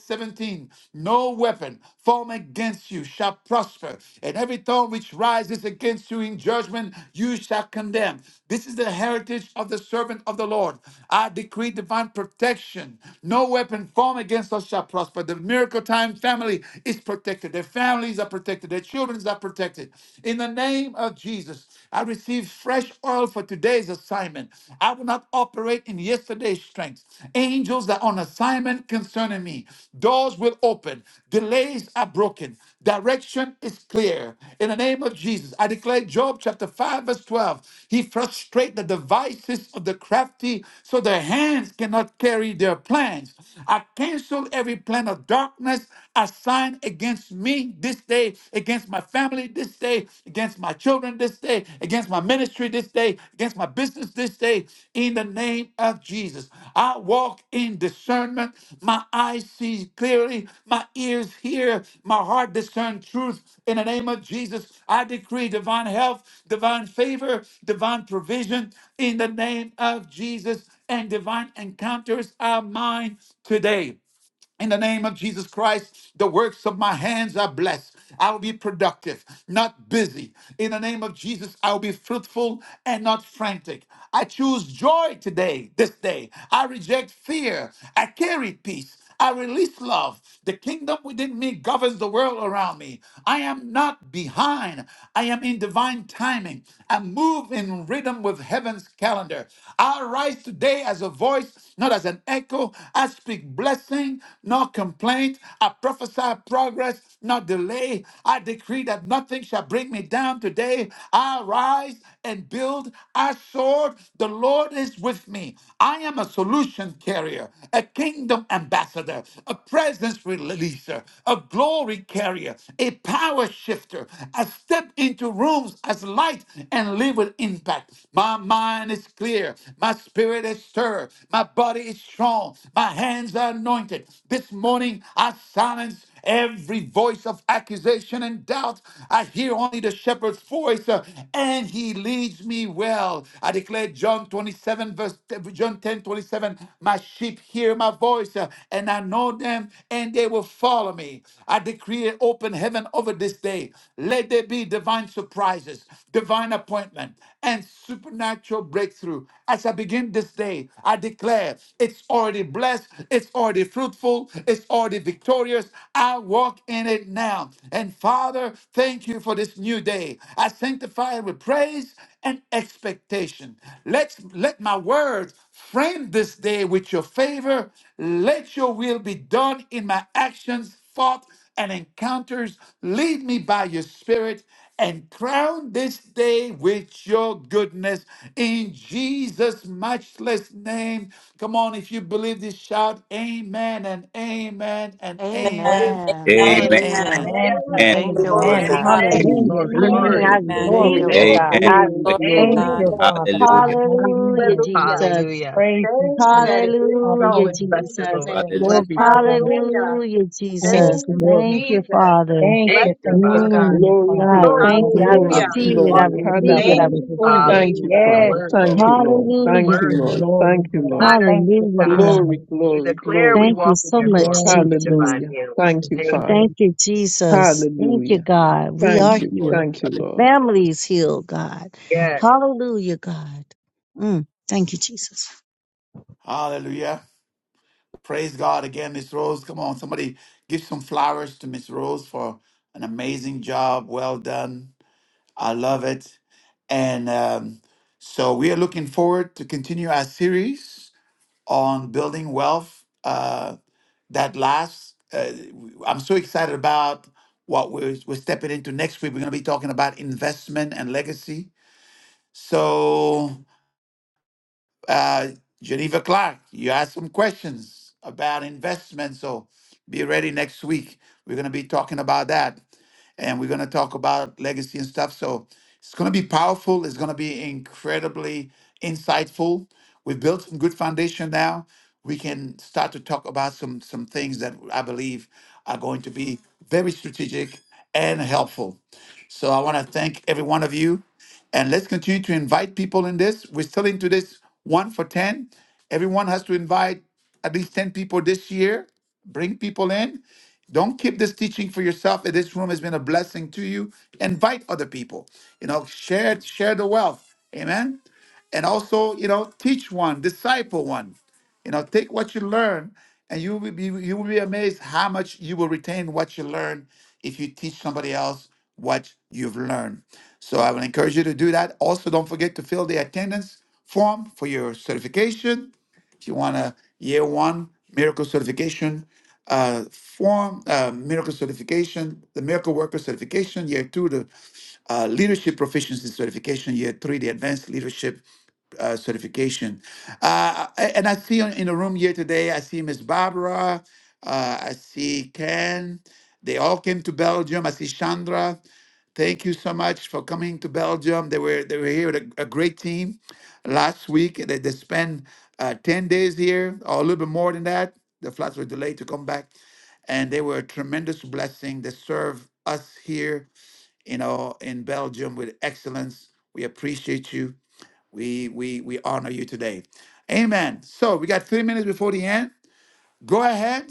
S1: No weapon formed against you shall prosper, and every tongue which rises against you in judgment you shall condemn. This is the heritage of the servant of the Lord. I decree divine protection. No weapon formed against us shall prosper. The miracle time family is protected protected. Their families are protected. Their children are protected. In the name of Jesus, I receive fresh oil for today's assignment. I will not operate in yesterday's strength. Angels are on assignment concerning me. Doors will open. Delays are broken. Direction is clear. In the name of Jesus, I declare Job chapter 5, verse 12. He frustrates the devices of the crafty so their hands cannot carry their plans. I cancel every plan of darkness assigned against me this day, against my family this day, against my children this day, against my ministry this day, against my business this day in the name of Jesus. I walk in discernment. My eyes see clearly, my ears hear, my heart discern truth in the name of Jesus. I decree divine health, divine favor, divine provision in the name of Jesus, and divine encounters are mine today. In the name of Jesus Christ, the works of my hands are blessed. I'll be productive, not busy. In the name of Jesus, I'll be fruitful and not frantic. I choose joy today, this day. I reject fear. I carry peace. I release love. The kingdom within me governs the world around me. I am not behind. I am in divine timing. I move in rhythm with heaven's calendar. I rise today as a voice not as an echo. I speak blessing, not complaint. I prophesy progress, not delay. I decree that nothing shall bring me down today. I rise and build. I soar. The Lord is with me. I am a solution carrier, a kingdom ambassador, a presence releaser, a glory carrier, a power shifter. I step into into rooms as light and live with impact. My mind is clear. My spirit is stirred. My body is strong. My hands are anointed. This morning, I silence every voice of accusation and doubt. I hear only the shepherd's voice, uh, and he leads me well. I declare John 27, verse John 10 27, my sheep hear my voice, uh, and and I know them, and they will follow me. I decree an open heaven over this day. Let there be divine surprises, divine appointment, and supernatural breakthrough. As I begin this day, I declare it's already blessed, it's already fruitful, it's already victorious. I walk in it now. And Father, thank you for this new day. I sanctify it with praise and expectation. Let let my words frame this day with your favor. Let your will be done in my actions, thoughts, and encounters. Lead me by your spirit and crown this day with your goodness in Jesus' matchless name. Come on, if you believe this, shout amen and amen and
S4: Amen.
S1: amen
S7: Amen.
S1: and
S9: Amen.
S2: Amen.
S12: Amen.
S4: Amen. Amen.
S7: Hallelujah.
S1: amen.
S9: Amen.
S12: Amen.
S2: Amen.
S7: Thank
S9: and
S7: you,
S4: Glory
S7: Lord
S12: Amen.
S9: Amen.
S4: to
S7: God.
S4: God.
S11: Amen.
S5: Amen.
S3: Amen.
S9: Hallelujah.
S11: Glory,
S12: I
S9: Jesus.
S5: And
S11: glory.
S5: I
S3: Amen.
S12: receive
S5: receive
S4: Amen.
S7: Thank
S9: Glory
S12: it.
S7: you,
S3: Glory,
S9: to
S11: Thank,
S2: Praise
S5: it.
S7: Lord.
S9: God.
S5: I
S3: glory,
S2: the
S4: Glory to
S5: receive
S11: thank
S3: glory.
S12: Thank
S2: Lord.
S9: Thank
S11: you.
S5: it.
S12: you,
S9: you,
S11: Jesus.
S4: God.
S12: Lord.
S9: Father God.
S2: Hallelujah.
S5: Hallelujah,
S9: Hallelujah.
S12: Hallelujah.
S5: Jesus.
S11: Hallelujah.
S9: Praise you,
S12: Thank you that it
S9: Jesus.
S12: is so
S5: Hallelujah,
S9: Hallelujah,
S12: in
S11: Bless the
S12: Jesus'
S9: Jesus.
S5: Jesus.
S11: Lord.
S2: Hallelujah.
S12: name.
S11: Bless
S9: Glory
S11: the
S9: to
S11: Lord.
S9: God.
S12: Hallelujah.
S5: Hallelujah,
S12: Thank
S9: Oh,
S5: Jesus.
S12: you,
S9: glory.
S5: Thank you,
S12: Jesus.
S5: Father.
S9: Thank
S12: Bless
S11: Thank
S9: you,
S11: you,
S12: your
S9: thank
S11: Father.
S9: you,
S12: name,
S9: thank
S12: God.
S5: Mm,
S9: you,
S3: Glory,
S9: Father
S5: God,
S9: God.
S11: fully
S3: glory,
S5: thank you.
S11: receive
S2: Lord.
S5: I
S9: Hallelujah,
S11: it.
S12: Hallelujah.
S3: glory,
S5: receive it.
S9: Jesus.
S5: I
S2: Hallelujah.
S11: Walk
S3: glory.
S11: in it.
S9: Hallelujah,
S5: receive it. I
S12: Thank
S3: Hallelujah.
S12: you,
S9: hallelujah,
S12: Lord
S5: receive
S9: Jesus.
S5: it.
S3: Thank
S12: Jesus.
S3: you,
S11: Hallelujah. Your
S9: Yes,
S3: Father.
S11: word,
S3: Thank
S2: Lord.
S11: your
S3: you,
S9: Jesus.
S11: word,
S3: Lord.
S11: your
S5: Hallelujah.
S3: Thank you,
S11: word. We
S2: Hallelujah.
S5: God.
S3: Lord.
S9: Glory,
S3: Thank you,
S9: Lord. I
S3: Lord.
S11: honor
S9: thank
S11: you,
S9: you for
S5: Hallelujah,
S11: God.
S9: the
S3: Glory,
S5: God.
S11: We
S3: glory,
S9: declaration.
S11: declare we
S3: glory.
S5: Thank you
S11: walk in
S5: so much,
S11: glory.
S9: Yes,
S5: Jesus.
S3: Hallelujah.
S11: Thank
S3: Thank you,
S9: yes,
S11: you.
S3: Father.
S5: Thank
S9: Jesus.
S5: you, Jesus. Thank you,
S3: Hallelujah.
S5: God. We are
S3: Thank
S9: Hallelujah.
S3: you.
S2: Lord.
S5: healed.
S3: Thank you,
S2: Hallelujah.
S5: The
S3: Lord.
S5: family is healed, God.
S11: Yes.
S5: Hallelujah, God. Mm, thank you, Jesus.
S1: Hallelujah. Praise God again, Miss Rose. Come on, somebody give some flowers to Miss Rose for an amazing job. Well done. I love it. And um, so we are looking forward to continue our series on building wealth uh, that lasts. Uh, I'm so excited about what we're, we're stepping into next week. We're going to be talking about investment and legacy. So uh, Geneva Clark, you asked some questions about investment. So be ready next week. We're going to be talking about that. And we're going to talk about legacy and stuff. So it's going to be powerful. It's going to be incredibly insightful. We've built some good foundation now. We can start to talk about some, some things that I believe are going to be very strategic and helpful. So I want to thank every one of you. And let's continue to invite people in this. We're still into this one for 10. Everyone has to invite at least 10 people this year. Bring people in. Don't keep this teaching for yourself. If This room has been a blessing to you. Invite other people. You know, share share the wealth. Amen and also you know teach one disciple one you know take what you learn and you will be you will be amazed how much you will retain what you learn if you teach somebody else what you've learned so i will encourage you to do that also don't forget to fill the attendance form for your certification if you want a year one miracle certification uh, form, uh, miracle certification, the miracle worker certification, year two, the uh, leadership proficiency certification, year three, the advanced leadership uh, certification. Uh, and I see in the room here today, I see Miss Barbara, uh, I see Ken. They all came to Belgium. I see Chandra. Thank you so much for coming to Belgium. They were they were here with a, a great team last week. They, they spent uh, 10 days here or a little bit more than that. The flights were delayed to come back. And they were a tremendous blessing. They serve us here, you know, in Belgium with excellence. We appreciate you. We we we honor you today. Amen. So we got three minutes before the end. Go ahead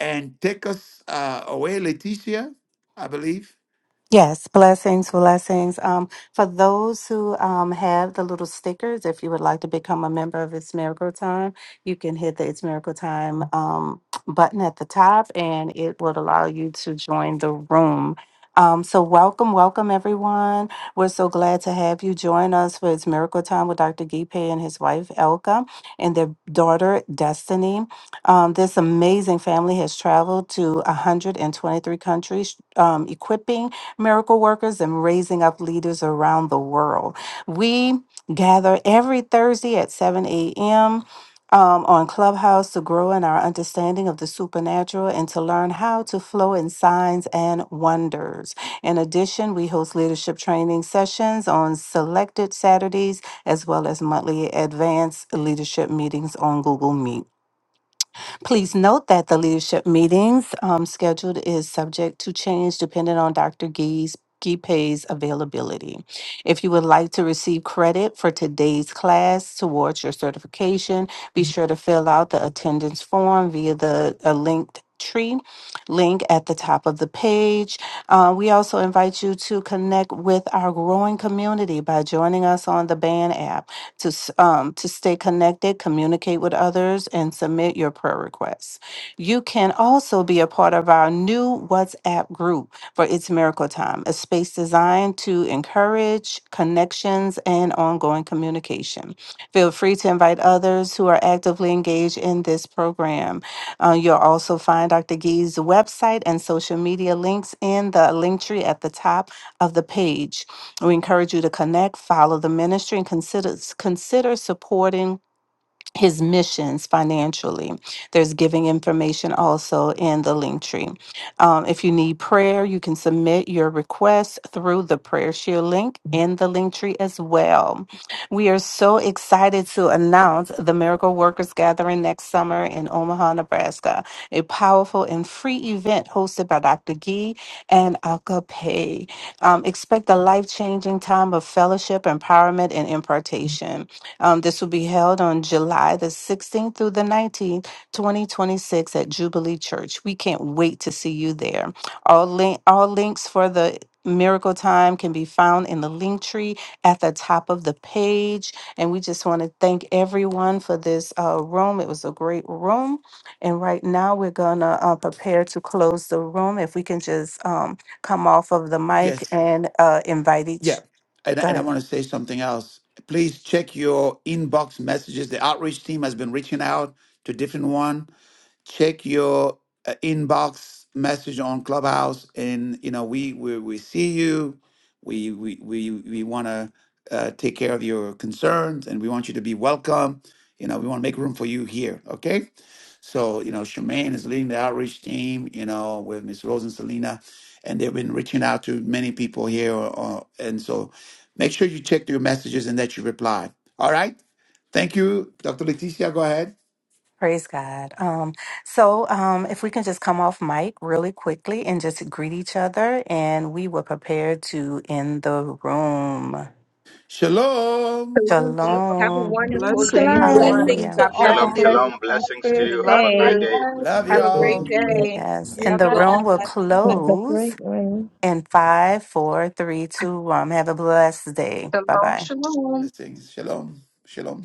S1: and take us uh, away, Leticia. I believe.
S7: Yes, blessings, blessings. Um, for those who um, have the little stickers, if you would like to become a member of It's Miracle Time, you can hit the It's Miracle Time um, button at the top and it will allow you to join the room. Um, so, welcome, welcome everyone. We're so glad to have you join us for It's Miracle Time with Dr. Gipe and his wife, Elka, and their daughter, Destiny. Um, this amazing family has traveled to 123 countries, um, equipping miracle workers and raising up leaders around the world. We gather every Thursday at 7 a.m. um, on Clubhouse to grow in our understanding of the supernatural and to learn how to flow in signs and wonders. In addition, we host leadership training sessions on selected Saturdays as well as monthly advanced leadership meetings on Google Meet. Please note that the leadership meetings um, scheduled is subject to change depending on Dr. Gee's Pay's availability. If you would like to receive credit for today's class towards your certification, be sure to fill out the attendance form via the uh, linked tree link at the top of the page. Uh, we also invite you to connect with our growing community by joining us on the band app to s- um, to stay connected, communicate with others, and submit your prayer requests. You can also be a part of our new WhatsApp group for It's Miracle Time, a space designed to encourage connections and ongoing communication. Feel free to invite others who are actively engaged in this program. Uh, you'll also find Dr. Gee's website and social media links in the link tree at the top of the page. We encourage you to connect, follow the ministry, and consider consider supporting his missions financially. There's giving information also in the link tree. Um, if you need prayer, you can submit your request through the prayer share link in the link tree as well. We are so excited to announce the Miracle Workers Gathering next summer in Omaha, Nebraska, a powerful and free event hosted by Dr. Gee and Akape. Um, expect a life changing time of fellowship, empowerment, and impartation. Um, this will be held on July the 16th through the 19th, 2026 at Jubilee Church. We can't wait to see you there. All link, all links for the Miracle Time can be found in the link tree at the top of the page. And we just want to thank everyone for this uh, room. It was a great room. And right now we're going to uh, prepare to close the room. If we can just um, come off of the mic
S1: Yes.
S7: and uh, invite
S1: Yeah.
S7: each.
S1: And,
S7: Go
S1: and I
S7: ahead.
S1: want to say something else. Please check your inbox messages. The outreach team has been reaching out to different one. check your uh, inbox message on Clubhouse, and you know we we, we see you. We we we, we want to uh, take care of your concerns, and we want you to be welcome. You know, we want to make room for you here. Okay, so you know, Shemaine is leading the outreach team. You know, with Miss Rose and Selena, and they've been reaching out to many people here. Uh, and so, make sure you check your messages and that you reply. All right. Thank you, Dr. Leticia. Go ahead.
S7: Praise God. Um, so, um, if we can just come off mic really quickly and just greet each other, and we will prepare to end the room.
S1: Shalom.
S12: Shalom. Have a
S7: Shalom.
S12: wonderful
S9: Shalom,
S12: day,
S3: Blessings.
S9: shalom.
S4: Blessings
S12: everyone.
S4: to
S7: Hallelujah.
S12: God
S9: Have
S12: bless
S9: a
S2: Shalom,
S4: all.
S9: blessed,
S12: you.
S2: shalom. Blessings to
S9: prosperous
S12: We
S2: you. Have
S12: love
S2: a
S8: God
S2: great
S9: day.
S12: you.
S2: day.
S8: bless.
S1: Love
S12: Have
S8: Praise
S12: a
S8: and
S12: great
S1: y'all.
S8: peace.
S12: day.
S7: Yes. And the
S8: Amen.
S7: room will
S9: Have a
S7: close
S9: great one.
S7: in five, four, three, two, one. Have a blessed day. Bye
S12: Shalom,
S7: bye.
S12: shalom.
S1: Blessings. Shalom. Shalom.